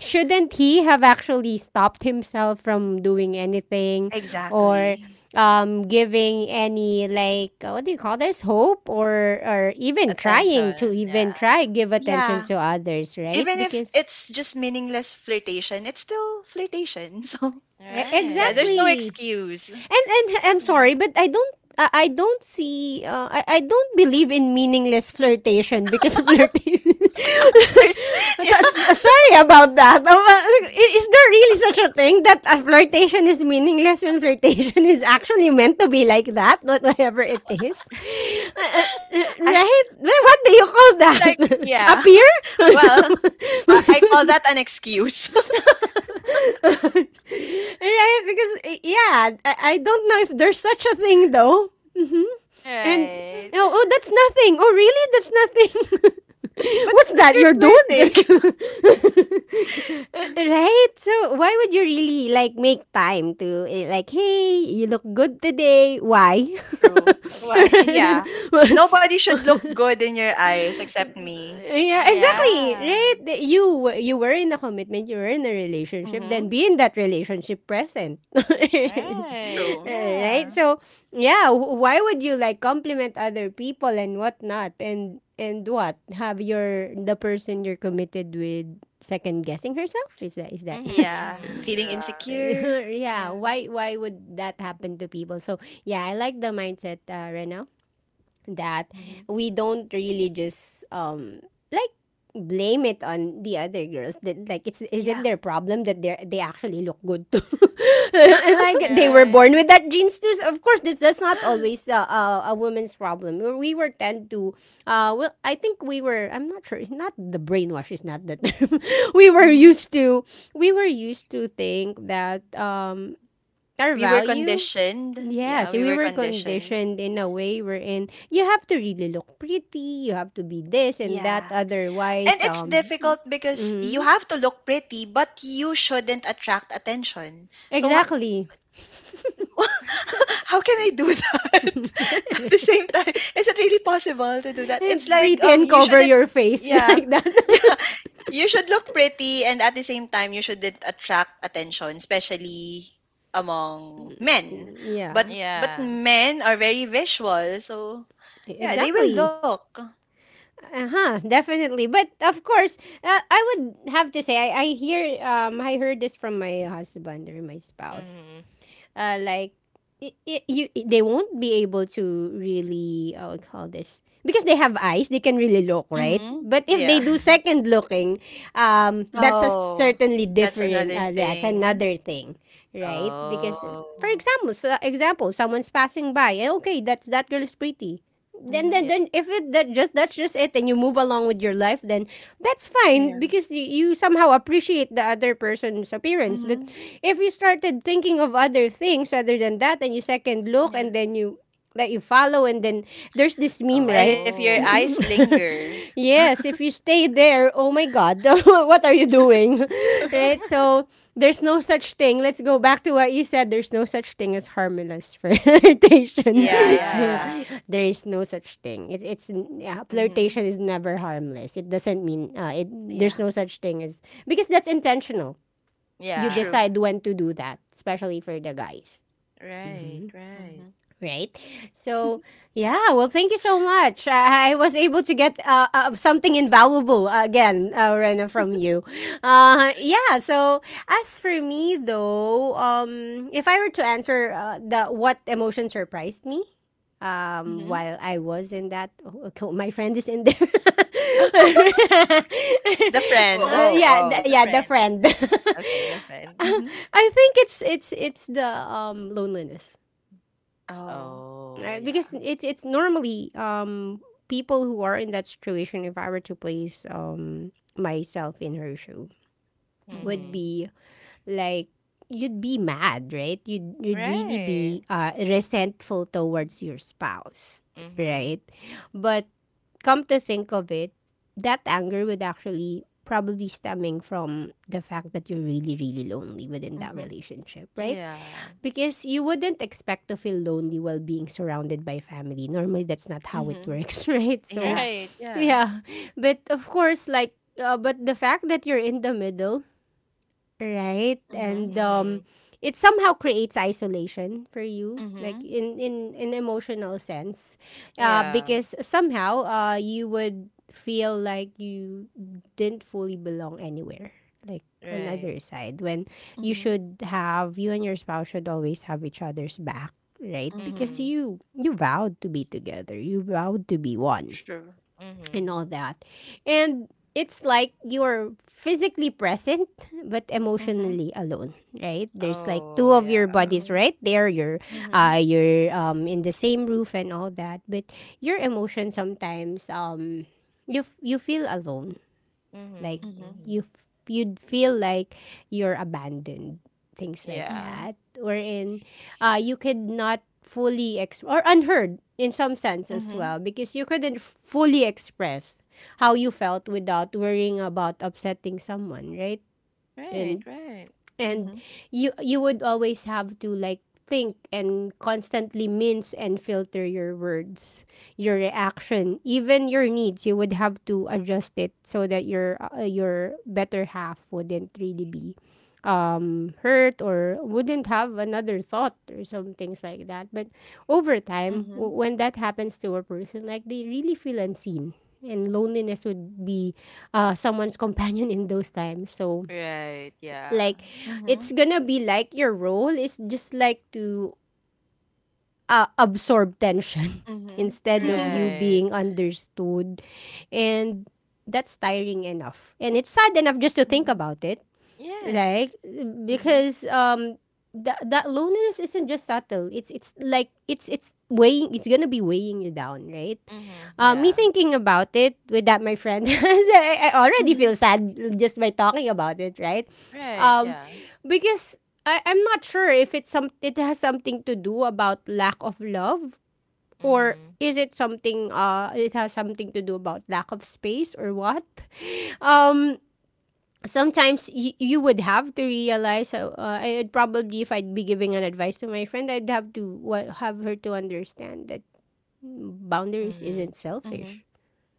S1: shouldn't he have actually stopped himself from doing anything, or
S2: Exactly.
S1: giving any like what do you call this, hope, or even trying to
S3: Attention. Yeah.
S1: even try give
S2: Yeah.
S1: attention to others, right?
S2: Even if
S1: Because
S2: it's just meaningless flirtation, it's still flirtation. So yeah, there's
S3: Right.
S2: no
S1: Exactly.
S2: excuse.
S1: And I'm
S2: Yeah.
S1: sorry, but I don't see, I don't believe in meaningless flirtation because flirtation.
S2: There's yeah.
S1: Sorry about that. Is there really such a thing that a flirtation is meaningless when flirtation is actually meant to be like that, not whatever it is?
S2: I,
S1: Right? Well, what do you call
S2: it's like
S1: that?
S2: yeah.
S1: A peer?
S2: Well, I call that an excuse.
S1: Right? Because yeah, I don't know if there's such a thing though. Hmm. And
S3: Right.
S1: oh, that's nothing. Oh, really? That's nothing.
S2: but
S1: What's
S2: but
S1: that?
S2: you're
S1: Your
S2: flirting.
S1: dude. Right? So why would you really like make time to like, hey, you look good today? Why?
S2: True.
S3: Why?
S2: Yeah.
S1: Wha-
S2: Nobody should look good in your eyes except me.
S1: yeah,
S2: Yeah.
S1: exactly.
S3: Yeah.
S1: Right? You you were in a commitment, you were in a relationship, then
S2: Mm-hmm.
S1: be in that relationship present.
S3: Right.
S2: True.
S1: Right?
S3: Yeah.
S1: So, yeah, why would you like compliment other people and whatnot, and what have your the person you're committed with second guessing herself? Is that?
S3: Mm-hmm.
S2: Yeah.
S3: Mm-hmm.
S2: Feeling
S3: Yeah.
S2: insecure.
S1: Yeah.
S2: Yeah.
S1: Why would that happen to people? So yeah, I like the mindset, Rena, that
S2: Hmm.
S1: we don't really just like blame it on the other girls, that like it's is
S2: Yeah.
S1: it their problem that they actually look good too. Like they were
S3: Right.
S1: born with that genes too, so of course this that's not always a woman's problem. We were tend to well, I think we were I'm not sure, not the brainwash is not the term. we were
S2: Hmm.
S1: used to we were used to think that our
S2: We were
S1: value,
S2: conditioned.
S1: yeah,
S2: Yeah,
S1: see,
S2: we
S1: we
S2: were
S1: were
S2: conditioned.
S1: conditioned in a way wherein you have to really look pretty, you have to be this and that,
S2: Yeah. And
S1: otherwise,
S2: it's
S1: um,
S2: difficult because
S1: Mm-hmm.
S2: you have to look pretty, but you shouldn't attract attention. So ho-
S1: Exactly,
S2: how can I do that? At the same time, is it really possible to do that?
S1: and
S2: It's like
S1: pretty and
S2: you
S1: cover
S2: shouldn't
S1: your face
S2: yeah.
S1: like that.
S2: You should look pretty, and at the same time you shouldn't attract attention, especially among men. But
S1: Yeah,
S2: but
S3: Yeah.
S2: men are very visual, so yeah, they will
S1: exactly.
S2: look.
S1: Uh huh. Definitely, but of course, I would have to say I hear I heard this from my husband or my spouse,
S3: Mm-hmm.
S1: like they won't be able to really. I would call this because they have eyes, they can really look, right?
S2: Mhm.
S1: But if they
S2: Yeah.
S1: do second looking, that's a
S2: Oh,
S1: certainly
S2: that's
S1: different,
S2: another
S1: that's
S2: thing.
S1: another thing. Right, because
S3: Oh.
S1: for
S2: Yeah.
S1: example, so example, someone's passing by, okay, that's that girl is pretty. Then
S2: Mhm.
S3: Yeah.
S1: if it that just that's just it and you move along with your life, then that's fine
S2: Yeah.
S1: because you somehow appreciate the other person's appearance. But
S2: Mhm.
S1: if you started thinking of other things other than that and you second look
S2: Yeah.
S1: and then you, that you follow, and then there's this meme,
S2: And
S1: right?
S2: if your eyes
S3: Oh.
S2: linger.
S1: Yes, if you stay there, oh my God, what are you doing? Right? So there's no such thing. Let's go back to what you said. There's no such thing as harmless flirtation.
S2: Yeah, yeah, yeah.
S3: Yeah.
S1: There is no such thing. It's yeah,
S2: Mhm.
S1: flirtation is never harmless. It doesn't mean it. There's
S2: Yeah.
S1: no such thing as, because that's intentional. You
S2: True.
S3: Yeah.
S1: decide when to do that, especially for the guys.
S3: Right.
S1: Mm-hmm.
S3: Right.
S2: Mhm.
S1: Right? So, yeah, well, thank you so much. I was able to get something invaluable, again, Rena, from you. Yeah, so as for me, though, if I were to answer the what emotion surprised me,
S2: Mhm.
S1: while I was in that, oh, okay, my friend is in there.
S2: The
S3: Oh,
S2: friend.
S3: oh, oh, the
S1: Yeah, the
S3: friend.
S1: friend.
S3: Okay, the friend.
S2: Mhm.
S1: I think it's the, loneliness,
S2: Oh.
S3: Oh, yeah.
S1: because it's normally, people who are in that situation, if I were to place myself in her shoe,
S2: Mhm.
S1: would
S3: Mm-hmm.
S1: be like, you'd be mad, right? You'd really
S3: Right.
S1: be resentful towards your spouse,
S3: Mm-hmm.
S1: right? But come to think of it, that anger would actually probably stemming from the fact that you're really really lonely within that
S2: Mhm.
S1: relationship, right?
S3: Yeah.
S1: Because you wouldn't expect to feel lonely while being surrounded by family. Normally, that's not how it
S2: Mhm.
S1: works, right? So,
S2: Yeah.
S3: Right. Yeah.
S1: yeah. But of course, like, but the fact that you're in the middle. Right. And
S2: Mhm.
S3: Mm-hmm.
S1: it somehow creates isolation for you, like,
S2: Mhm.
S1: in an emotional sense,
S3: Yeah.
S1: because somehow, you would feel like you didn't fully belong anywhere, like on
S3: Right.
S1: other side, when you
S2: Mhm.
S1: should have, you and your spouse should always have each other's back, right? Because
S2: Mhm.
S3: Mm-hmm.
S1: you vowed to be together, you vowed to be one
S2: True.
S3: Mm-hmm.
S1: and all that. And it's like you're physically present but
S2: Mhm.
S1: emotionally alone, right? There's like
S3: Oh,
S1: two of
S3: yeah.
S1: your bodies
S2: Mhm.
S1: right there. You're,
S2: Mhm.
S1: you're, in the same roof and all that, but your emotion sometimes, you feel alone, like,
S3: Mm-hmm.
S2: Mhm.
S3: Mm-hmm.
S1: you'd feel like you're abandoned, things like
S3: Yeah.
S2: Mhm.
S1: that. Wherein, you could not fully ex, or unheard in some sense as
S2: Mhm.
S1: well, because you couldn't fully express how you felt without worrying about upsetting someone, right?
S3: Right.
S1: And
S3: Right.
S1: and
S2: Mhm.
S1: you, you would always have to like think and constantly mince and filter your words, your reaction, even your needs. You would have to adjust it so that your, your better half wouldn't really be, hurt or wouldn't have another thought or some things like that. But over time,
S2: Mhm.
S1: when that happens to a person, like they really feel unseen, and loneliness would be, someone's companion in those times. So,
S3: Right.
S1: like,
S3: Yeah.
S1: it's
S2: Mhm.
S1: gonna be like your role is just like to, absorb tension
S2: Mhm.
S1: instead of you
S3: Right.
S1: being understood. And that's tiring enough. And it's sad enough just to think
S2: Mhm,
S1: about it.
S3: Yes.
S1: Like,
S2: mhm,
S1: because, that loneliness isn't just subtle. It's like it's weighing, it's gonna be weighing you down, right?
S3: Mm-hmm.
S1: Me
S3: Yeah.
S1: thinking about it with that my friend, I already
S2: mhm,
S1: feel sad just by talking about it, right?
S3: Right.
S1: Um,
S3: Yeah.
S1: because I'm not sure if it's some, it has something to do about lack of love, or
S3: Mm-hmm.
S1: is it something, it has something to do about lack of space or what? Um, sometimes you would have to realize, I'd probably, if I'd be giving an advice to my friend, I'd have to wa have her to understand that boundaries
S3: Mm-hmm.
S1: isn't
S2: mhm, mhm.
S1: selfish,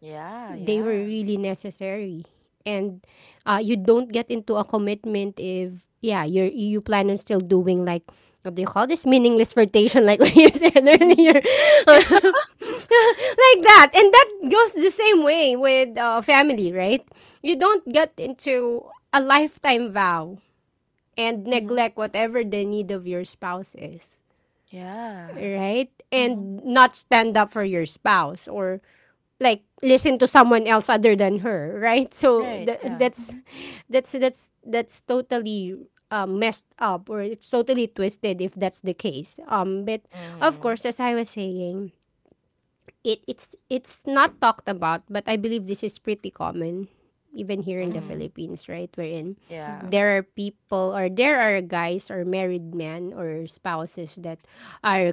S3: Yeah.
S1: they were
S3: Yeah.
S1: really necessary. And, you don't get into a commitment if, yeah, you plan on still doing, like, what do you call this, meaningless flirtation, like what you said earlier, like that. And that goes the same way with, family, right? You don't get into a lifetime vow and
S2: Yeah. Mhm,
S1: neglect whatever the need of your spouse is.
S3: Yeah.
S1: Right?
S2: mhm,
S1: And not stand up for your spouse, or like, listen to someone else other than her, right? So
S3: Right.
S2: mhm,
S3: Yeah.
S1: that's that's totally, messed up, or it's totally twisted if that's the case. Um, but of
S3: Mhm.
S1: course, as I was saying, it's not talked about, but I believe this is pretty common even here in the
S3: Mhm.
S1: Philippines, right? Wherein
S3: Yeah.
S2: mhm,
S1: there are people, or there are guys, or married men, or spouses that are,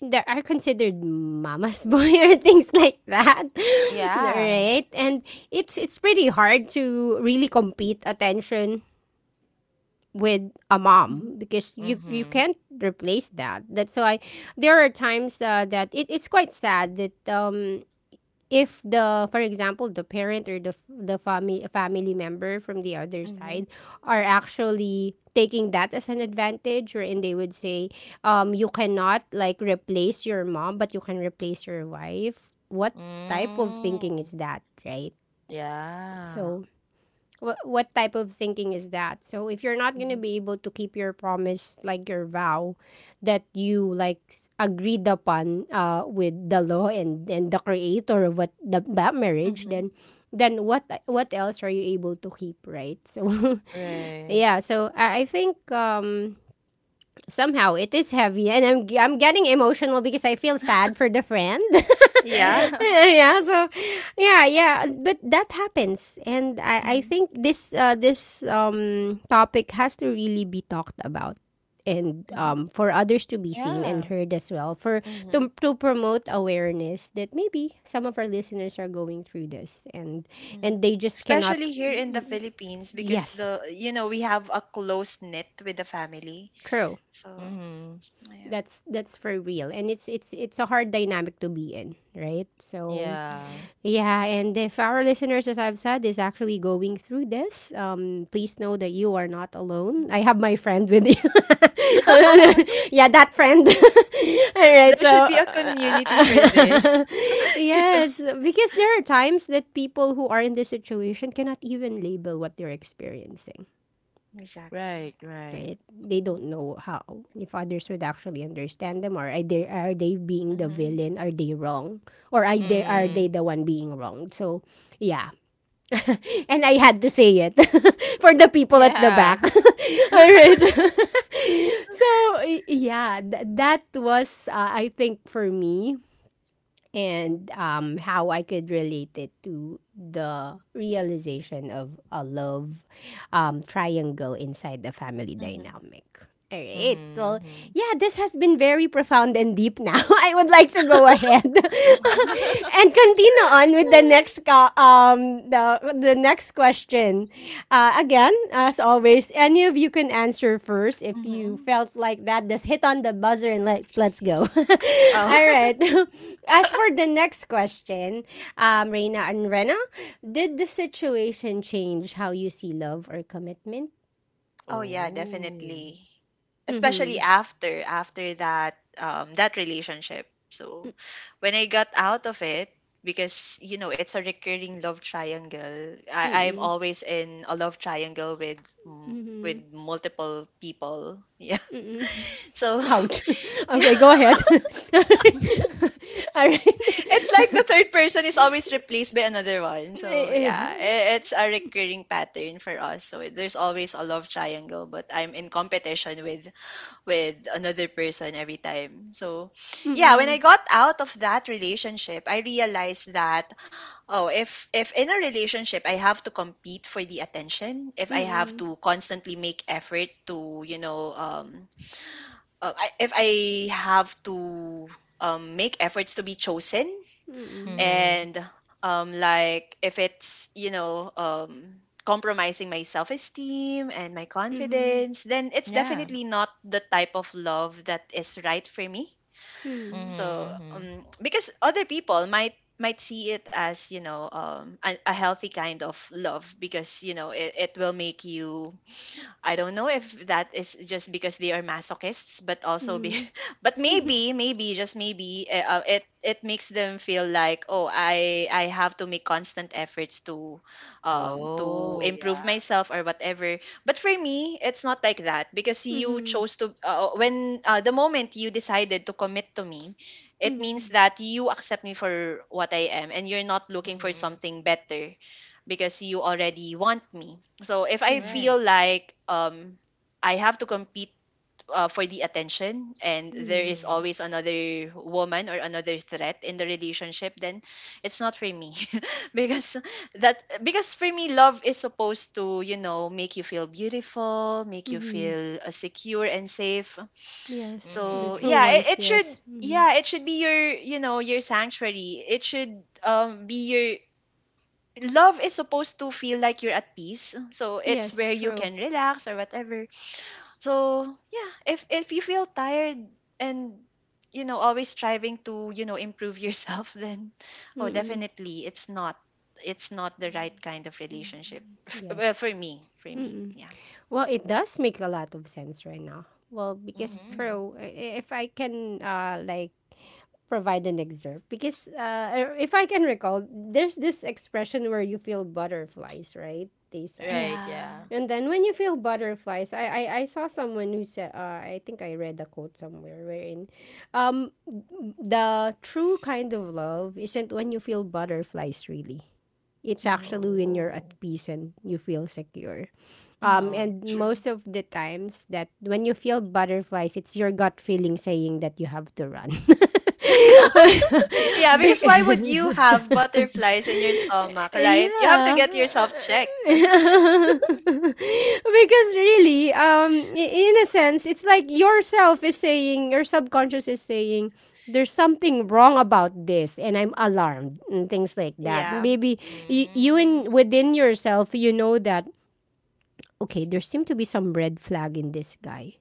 S1: there are considered mama's boy, or things like that.
S3: Yeah.
S1: Right? And it's pretty hard to really compete attention with a
S2: mhm, mhm,
S1: mom, because you
S3: Mhm.
S1: can't replace that. That's why there are times, that it's quite sad that, if the, for example, the parent, or the the family member from the other
S2: mhm, mhm,
S1: side are actually taking that as an advantage, wherein they would say, you cannot like replace your mom, but you can replace your wife. What type of thinking is
S3: Mm.
S1: that, right?
S3: Yeah.
S1: So what type of thinking is that? So if you're not gonna
S2: mhm,
S1: be able to keep your promise, like your vow, that you like agreed upon, with the law and the creator of what the, that marriage, then what else are you able to keep, right? So
S3: Right.
S1: yeah, so I think, somehow it is heavy and I'm getting emotional because I feel sad for the friend.
S2: yeah,
S1: Yeah, so yeah, yeah, but that happens, and I
S2: mhm,
S1: think this, this, topic has to really be talked about, and
S2: mhm,
S1: for others to be seen and
S3: Yeah.
S1: heard as well, for
S2: mhm,
S1: to promote awareness that maybe some of our listeners are going through this, and
S2: mhm.
S1: they just cannot.
S2: Especially here in the Philippines, because
S1: Yes,
S2: the, you know, we have a close knit with the family.
S1: true.
S2: So,
S3: Mhm.
S2: yeah.
S1: That's for real. And it's a hard dynamic to be in, right? So
S3: Yeah.
S2: Mhm,
S1: yeah, and if our listeners, as I've said, is actually going through this, please know that you are not alone. I
S2: mhm.
S1: have my friend with you. Yeah, that friend. All right,
S2: There should
S1: so
S2: be a community for this, you know.
S1: yes, because there are times that people who are in this situation cannot even label what they're experiencing,
S2: Exactly.
S3: Right, right.
S1: right? They
S2: Mhm,
S1: don't know how, if others would actually understand them, or are they, are they being the
S2: mhm,
S1: villain? Are they wrong, or are they, are
S2: mhm,
S1: they
S3: Mhm.
S1: the one being wronged? So, yeah, and I had to say it for the people at the back.
S3: Yeah.
S1: All right, so that was, I think for me, and how I could relate it to the realization of a love, triangle inside the family
S2: mhm,
S1: dynamic. All right.
S3: Mhm.
S1: Well,
S3: Mhm.
S1: yeah, this has been very profound and deep now. I would like to go ahead and continue on with the next, the next question. Again, as always, any of you can answer first if you
S2: mhm.
S1: felt like that. Just hit on the buzzer and let's go. All
S2: Oh.
S1: right. As for the next question, Reina and Rena, did the situation change how you see love or commitment?
S2: Oh yeah,
S3: Oh.
S2: definitely.
S1: Mm-hmm.
S2: Especially after after that that relationship. So when I got out of it, because you know it's a recurring love triangle. I'm
S1: Mm-mm.
S2: always in a love triangle with mm, with multiple people. Yeah.
S1: Mm-mm.
S2: So
S1: Ouch. Okay, go ahead. All right.
S2: it's like the third person is always replaced by another one. So yeah, it's a recurring pattern for us. So there's always a love triangle, but I'm in competition with another person every time. So, yeah, when I
S1: Mm-mm.
S2: got out of that relationship, I realized that oh, if in a relationship I have to compete for the attention, if I have
S1: Mm-mm.
S2: to constantly make effort to, you know, if I have to make efforts to be chosen,
S1: Mm-mm.
S3: Mhm.
S2: and like if it's, you know, compromising my self-esteem and my
S1: Mm-hmm.
S2: confidence, then it's
S3: Yeah.
S2: definitely not the type of love that is right for me.
S1: Mm-hmm.
S2: So
S3: Mhm. Mhm.
S2: because other people might see it as, you know, a healthy kind of love, because you know it, it will make you I don't know if that is just because they are masochists, but also be,
S1: Mm-hmm.
S2: but maybe, maybe just maybe, it it makes them feel like oh I have to make constant efforts to
S3: Oh,
S2: improve
S3: yeah.
S2: myself or whatever. But for me, it's not like that, because you
S1: Mm-hmm.
S2: chose to, when the moment you decided to commit to me, it
S1: Mm-hmm.
S2: means that you accept me for what I am and you're not looking for
S3: Mhm.
S2: something better because you already want me. So if I
S1: Yeah.
S2: feel
S3: Right.
S2: like I have to compete for the attention, and there
S1: Mm.
S2: is
S3: Mhm.
S2: always another woman or another threat in the relationship, then it's not for me, because that, because for me, love is supposed to, you know, make you feel beautiful, make you
S1: Mm-hmm.
S2: feel secure and safe.
S1: Yes. The
S3: Mhm.
S2: So
S1: true
S2: yeah,
S3: Mhm.
S1: ones,
S2: it should
S1: yes. Mm-hmm.
S2: yeah, it should be your, you know, your sanctuary. It should be your love is supposed to feel like you're at peace, so it's
S1: Yes,
S2: where you
S1: true.
S2: can relax or whatever. So yeah, if you feel tired and you know always striving to, you know, improve yourself, then oh
S1: Mm-mm.
S2: definitely it's not the right kind of relationship. Well,
S1: Yes.
S2: for me, for me,
S1: Mm-mm.
S2: yeah.
S1: Well, it does make a lot of sense right now. Well, because
S2: Hmm.
S3: Mhm.
S1: true, if I can, like provide an excerpt, because, if I can recall, there's this expression where you feel butterflies, right? They said.
S3: Right,
S2: Yeah.
S3: yeah.
S1: And then when you feel butterflies, I saw someone who said, I think I read a quote somewhere wherein, um, the true kind of love isn't when you feel butterflies really. It's
S2: Mm-hmm.
S1: actually when you're at
S3: Oh.
S1: peace and you feel secure.
S3: Oh, I
S2: Mm-hmm.
S1: And
S3: see.
S2: True.
S1: most of the times that when you feel butterflies, it's your gut feeling saying that you have to run.
S3: Oh.
S2: Yeah,
S1: Be-
S2: because why would you have butterflies in your stomach? Right, you have to
S1: yeah.
S2: get yourself checked.
S1: Because really, in a sense, it's like yourself is saying, your subconscious is saying, there's something wrong about this and I'm alarmed and things like that.
S2: Yeah.
S1: Maybe you,
S3: Mm.
S1: in within yourself, you know that, okay, there seem to be some red flag in this guy.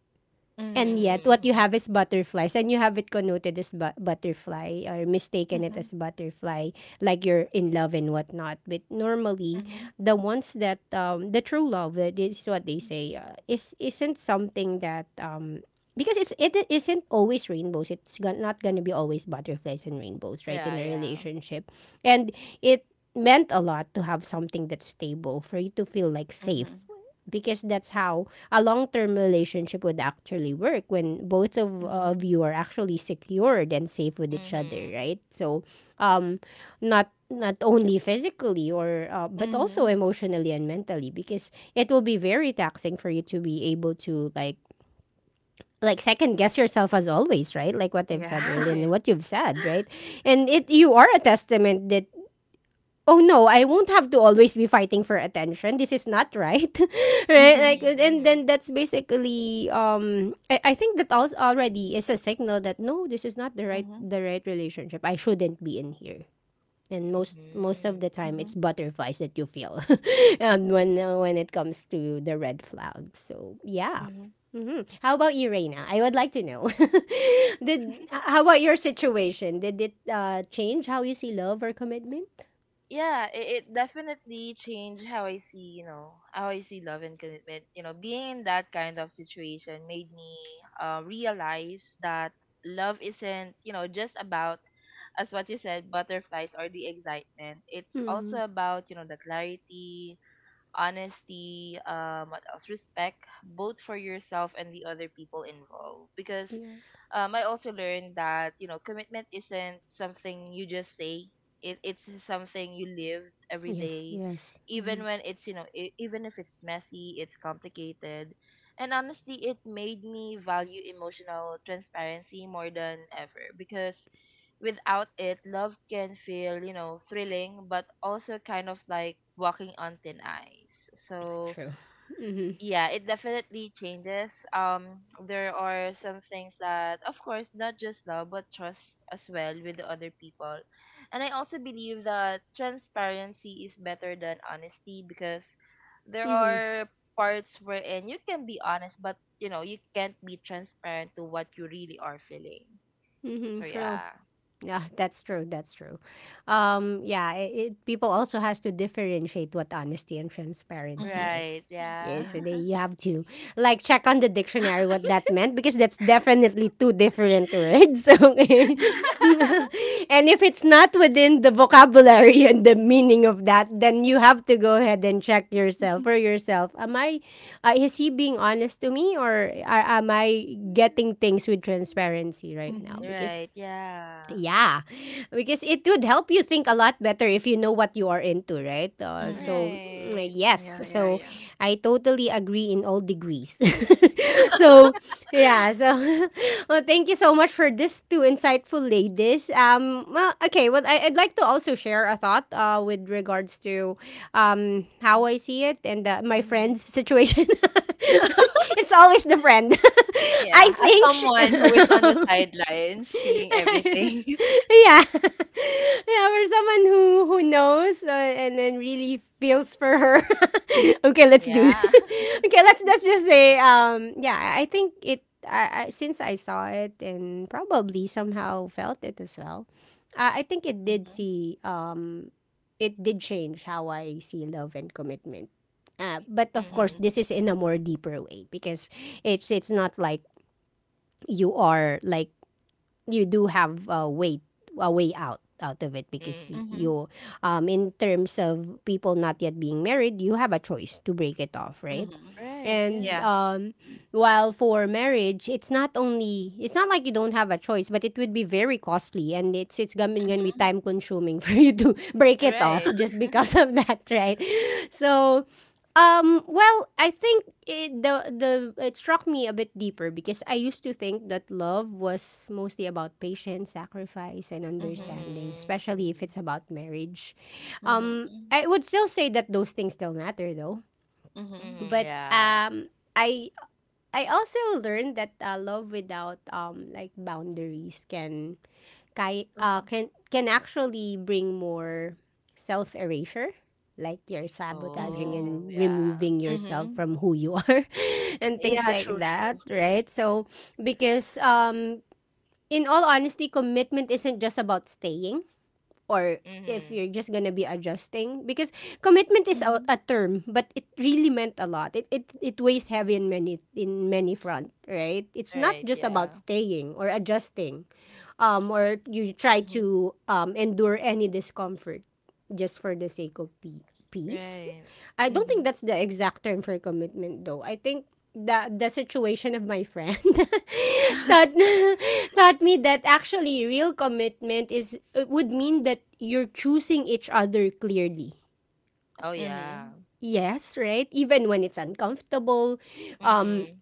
S1: And
S3: Mhm,
S1: yet,
S2: Mm-hmm.
S1: what you
S3: mhm.
S1: have is butterflies, and you have it connoted as butterfly, or mistaken it
S2: Mm-hmm.
S1: as butterfly, like you're in love and whatnot. But normally,
S2: Mhm,
S1: the ones that, the true love, that is what they say, is isn't something that, because it's it isn't always rainbows. It's not gonna be always butterflies and rainbows, right?
S3: Yeah,
S1: In a
S3: yeah.
S1: relationship, and it meant a lot to have something that's stable for you to feel like safe
S2: mhm,
S1: because that's how a long-term relationship would actually work when both of
S2: mhm,
S1: you are actually secured and safe with each other,
S3: Mhm.
S1: right? So um not only physically or but
S2: mhm.
S1: also emotionally and mentally, because it will be very taxing for you to be able to like second guess yourself as always, right? Like what I've
S2: Yeah.
S1: said earlier and
S3: Right.
S1: what you've said, right? And it, you are a testament that oh no, I won't have to always be fighting for attention. This is not right. Right?
S2: Mhm,
S1: Like
S3: Mhm,
S1: and
S3: mhm.
S1: then that's basically I think that also already is a signal that no, this is not the right relationship. I shouldn't be in here. And most of the
S3: Mhm.
S1: time
S2: mhm,
S1: it's butterflies that you feel. When it comes to the red flag. So yeah.
S2: mhm,
S1: Mhm. How about you, Reina? I would like to know. Did How about your situation? Did it change how you see love or commitment?
S3: Yeah, it definitely changed how I see, you know, how I see love and commitment. You know, being in that kind of situation made me realize that love isn't, you know, just about as what you said, butterflies or the excitement. It's
S1: Mm-hmm.
S3: also about, you know, the clarity, honesty, what else? Respect, both for yourself and the other people involved. Because
S1: Yes.
S3: I also learned that you know commitment isn't something you just say. It's something you live every
S1: Yes.
S3: day,
S1: Yes. Hmm.
S3: even when it's you know even if it's messy, it's complicated, and honestly, it made me value emotional transparency more than ever because without it, love can feel, you know, thrilling, but also kind of like walking on thin ice. So,
S1: True. Hmm.
S3: yeah, it definitely changes. There are some things that, of course, not just love, but trust as well with the other people. And I also believe that transparency is better than honesty because there
S1: Hmm.
S3: are parts wherein you can be honest, but, you know, you can't be transparent to what you really are feeling.
S1: Hmm.
S3: So,
S1: True.
S3: yeah.
S1: Yeah, that's true. That's true. Yeah, people also has to differentiate what honesty and
S2: mhm,
S1: transparency
S2: mhm.
S1: is.
S3: Right,
S1: Yeah,
S3: yeah.
S1: so
S2: Yeah.
S1: they, you have to like check on the dictionary what that meant, because that's definitely two different words. Okay, and if it's not within the vocabulary and the meaning of that, then you have to go ahead and check yourself for yourself. Am I? Is he being honest to me, or am I getting things with transparency right now?
S2: Mhm,
S1: Because
S3: Right, yeah.
S1: yeah, because it would help you think a lot better if you know what you are into, right? So,
S2: mhm.
S1: mm,
S3: Right.
S1: yes.
S2: Yeah, yeah,
S1: So,
S2: yeah.
S1: I totally agree in all degrees. So, yeah. So, well, thank you so much for this two insightful ladies. Well, okay. Well, I'd like to also share a thought with regards to how
S2: Mhm.
S1: I see it and my
S3: Mhm.
S1: friend's situation. It's always the friend. I
S2: Yeah, as
S1: think she,
S2: someone who is on the sidelines seeing everything.
S1: yeah. Yeah, for someone who knows, and then really feels for her. Okay, let's do it.
S3: Yeah.
S1: Okay, let's just say yeah, I think it I since I saw it and probably somehow felt it as well. I think
S2: Mhm,
S1: it did change how I see love and commitment. But of course,
S3: Mhm.
S1: this is in a more deeper way, because it's not like you are like you do have a way, a way out of it because
S3: Mhm.
S2: mhm, mhm,
S1: you in terms of people not yet being married, you have a choice to break it off, right?
S2: mhm.
S3: Right,
S1: And
S3: yeah.
S2: Yeah.
S1: while for marriage, it's not like you don't have a choice, but it would be very costly, and it's gonna be
S2: Mhm,
S1: time consuming for you to break it off
S3: Right.
S1: just because of that, right? So, well, I think it, the it struck me a bit deeper because I used to think that love was mostly about patience, sacrifice, and
S2: mhm,
S1: understanding,
S3: Mhm.
S1: especially if
S3: Mhm.
S1: it's about marriage.
S2: mhm,
S1: I would still say that those things still matter, though,
S2: mhm,
S3: Mhm.
S1: but
S3: Yeah.
S1: I I also learned that love without like boundaries can
S2: mhm,
S1: can actually bring more self erasure, like you're sabotaging
S2: mhm,
S3: Oh,
S1: and
S3: yeah.
S1: removing yourself
S2: mhm.
S1: from who you are. And things
S2: Yeah,
S1: like
S2: true,
S1: that,
S2: true.
S1: right? So because in all honesty, commitment isn't just about staying, or if
S3: Mhm.
S1: you're just gonna be adjusting. Because commitment is
S2: Mhm,
S1: a term, but it really meant a lot. It weighs heavy in many, in many front, right? It's not
S3: Right,
S1: just about
S3: yeah.
S1: staying or adjusting, or you try
S2: mhm,
S1: to endure any discomfort just for the sake of pe- peace.
S3: Right.
S1: I don't think
S2: mhm.
S1: that's the exact term for commitment, though. I think the situation of my friend taught taught me that actually real commitment is, it would mean that you're choosing each other clearly.
S3: Oh,
S2: Mhm,
S3: yeah.
S1: Yes, right? Even when it's uncomfortable, um,
S3: Mhm.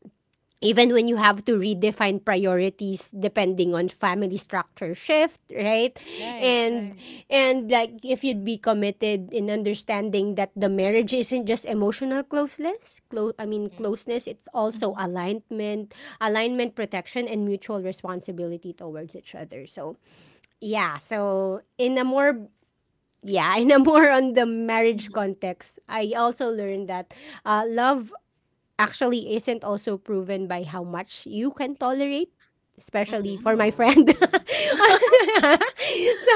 S1: even when you have to redefine priorities depending on family structure shift, right?
S3: Right,
S1: and
S3: right.
S1: and like if you'd be committed in understanding that the marriage isn't just emotional closeness,
S3: Mhm.
S1: closeness. It's also
S2: mhm,
S1: alignment, alignment, protection, and mutual responsibility towards each other. So yeah. So in a more yeah, in a more, on the marriage
S2: mhm,
S1: context, I also learned that love actually isn't also proven by how much you can tolerate, especially for my
S2: mhm,
S1: friend.
S3: Oh.
S1: So,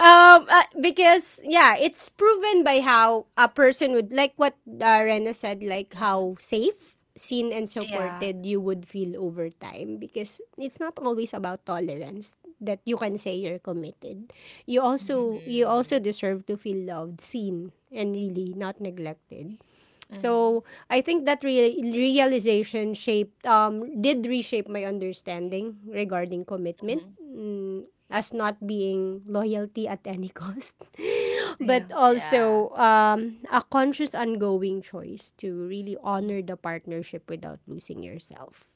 S1: because yeah, it's proven by how a person would like what Rena said, like
S2: mhm.
S1: how safe, seen, and
S2: Yeah.
S1: supported you would feel over time. Because it's not always about tolerance that you can say you're committed.
S2: Mhm,
S1: You also
S3: Mhm.
S1: deserve to feel loved, seen, and really not neglected.
S2: mhm,
S1: So I think that re- realization shaped did reshape my understanding regarding commitment,
S2: mhm.
S1: mm, as not being loyalty at any cost, but
S2: Yeah.
S3: Yeah.
S1: also a conscious ongoing choice to really
S2: Mhm,
S1: honor the partnership without losing yourself.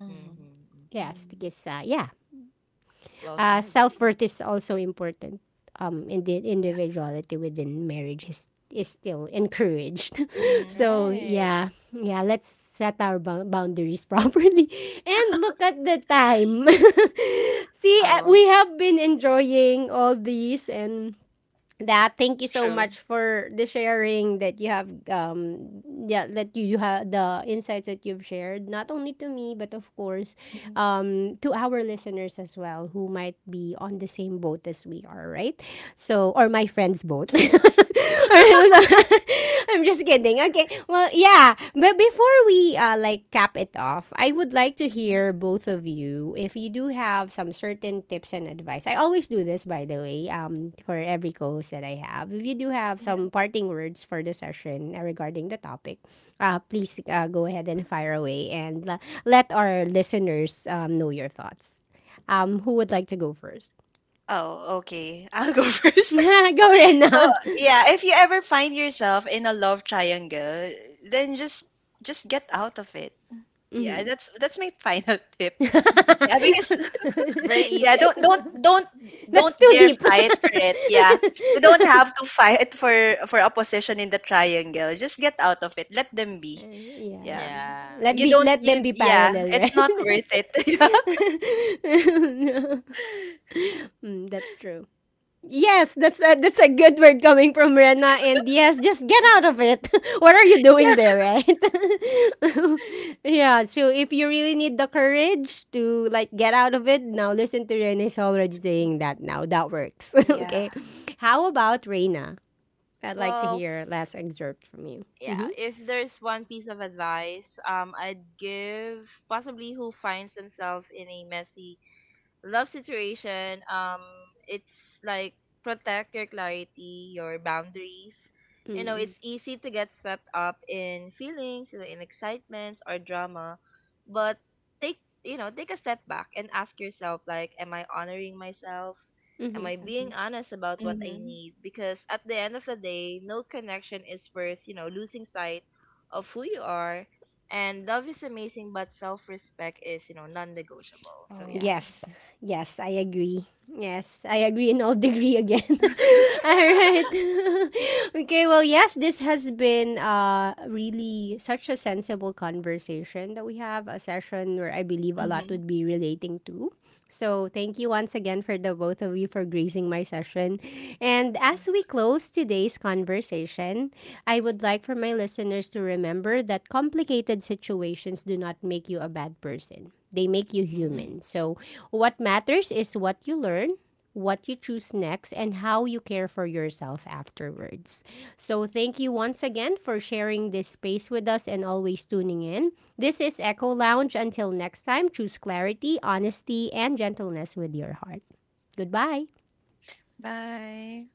S2: mhm,
S3: Mhm. Mhm.
S1: Yes,
S2: mhm,
S1: because yeah,
S3: Well said.
S1: self
S2: mhm.
S1: worth is also important. And the
S2: Yeah.
S1: individuality within marriage is still encouraged.
S2: Mhm.
S1: So
S3: Right.
S1: yeah, yeah. Let's set our bou- boundaries properly. And look at the time. See,
S2: Oh,
S1: we have been enjoying all these, and that thank you so
S2: true.
S1: much for the sharing that you have, yeah, that you have the insights that you've shared not only to me, but of course,
S2: Mhm,
S1: to our listeners as well, who might be on the same boat as we are, right? So, or my friend's both. I'm just kidding. Okay. Well, yeah. But before we like cap it off, I would like to
S2: mhm.
S1: hear both of you if you do have some certain tips and advice. I always do this, by the way, for every co-host that I have. If you do have
S2: Yeah.
S1: some parting words for the session regarding the topic, please go ahead and fire away, and let our listeners know your thoughts. Who would like to go first?
S2: Oh, okay. I'll go first.
S1: Go,
S2: So,
S1: Rena.
S2: yeah, if you ever find yourself in a love triangle, then just get out of it. Yeah, that's my final tip. Yeah, because
S3: Very
S2: yeah,
S3: easy.
S1: That's
S2: don't
S1: too
S2: dare
S1: deep.
S2: fight for it. Yeah. You don't have to fight for a position in the triangle. Just get out of it. Let them be. Yeah.
S1: Yes.
S3: Yeah.
S1: Let
S2: You
S1: be,
S2: don't
S1: let
S2: you
S1: them be
S2: yeah,
S1: parallel,
S2: it's
S1: right?
S2: not worth it. Yeah.
S1: Mm, that's true. Yes, that's that's a good word coming from Rena. And yes, just get out of it. What are you
S2: Yeah.
S1: doing there, right? Yeah, so if you really need the courage to like get out of it, now listen to Rena is already saying that now. That works.
S2: Yeah.
S1: Okay. How about Rena? I'd like to
S3: Well,
S1: hear a last excerpt from you.
S3: yeah,
S1: Mm-hmm.
S3: if there's one piece of advice, I'd give possibly who finds themselves in a messy love situation, it's like protect your clarity, your boundaries. You know,
S1: Mm-hmm.
S3: it's easy to get swept up in feelings, you know, in excitements or drama, but take you know take a step back and ask yourself like, am I honoring myself? Am
S1: Mm-hmm.
S3: I
S2: Mm-hmm.
S3: being honest about what I
S2: Mm-hmm.
S3: need? Because at the end of the day, no connection is worth you know losing sight of who you are. And love is amazing, but self respect is you know non negotiable. So yeah.
S2: Oh.
S1: Yes, yes, I agree. Yes, I agree in all degree again. All right. Okay, well, yes, this has been really such a sensible conversation that we have, a session where I believe a lot
S2: Mm-hmm.
S1: would be relating to. So, thank you once again for the both of you for gracing my session. And as we close today's conversation, I would like for my listeners to remember that complicated situations do not make you a bad person. They make you
S2: Mm-hmm.
S1: human.
S3: Hmm.
S1: So, what matters is what you learn, what you choose next, and how you care for yourself afterwards. So, thank you once again for sharing this space with us and always tuning in. This is Echo Lounge. Until next time, choose clarity, honesty, and gentleness with your heart. Goodbye.
S2: Bye.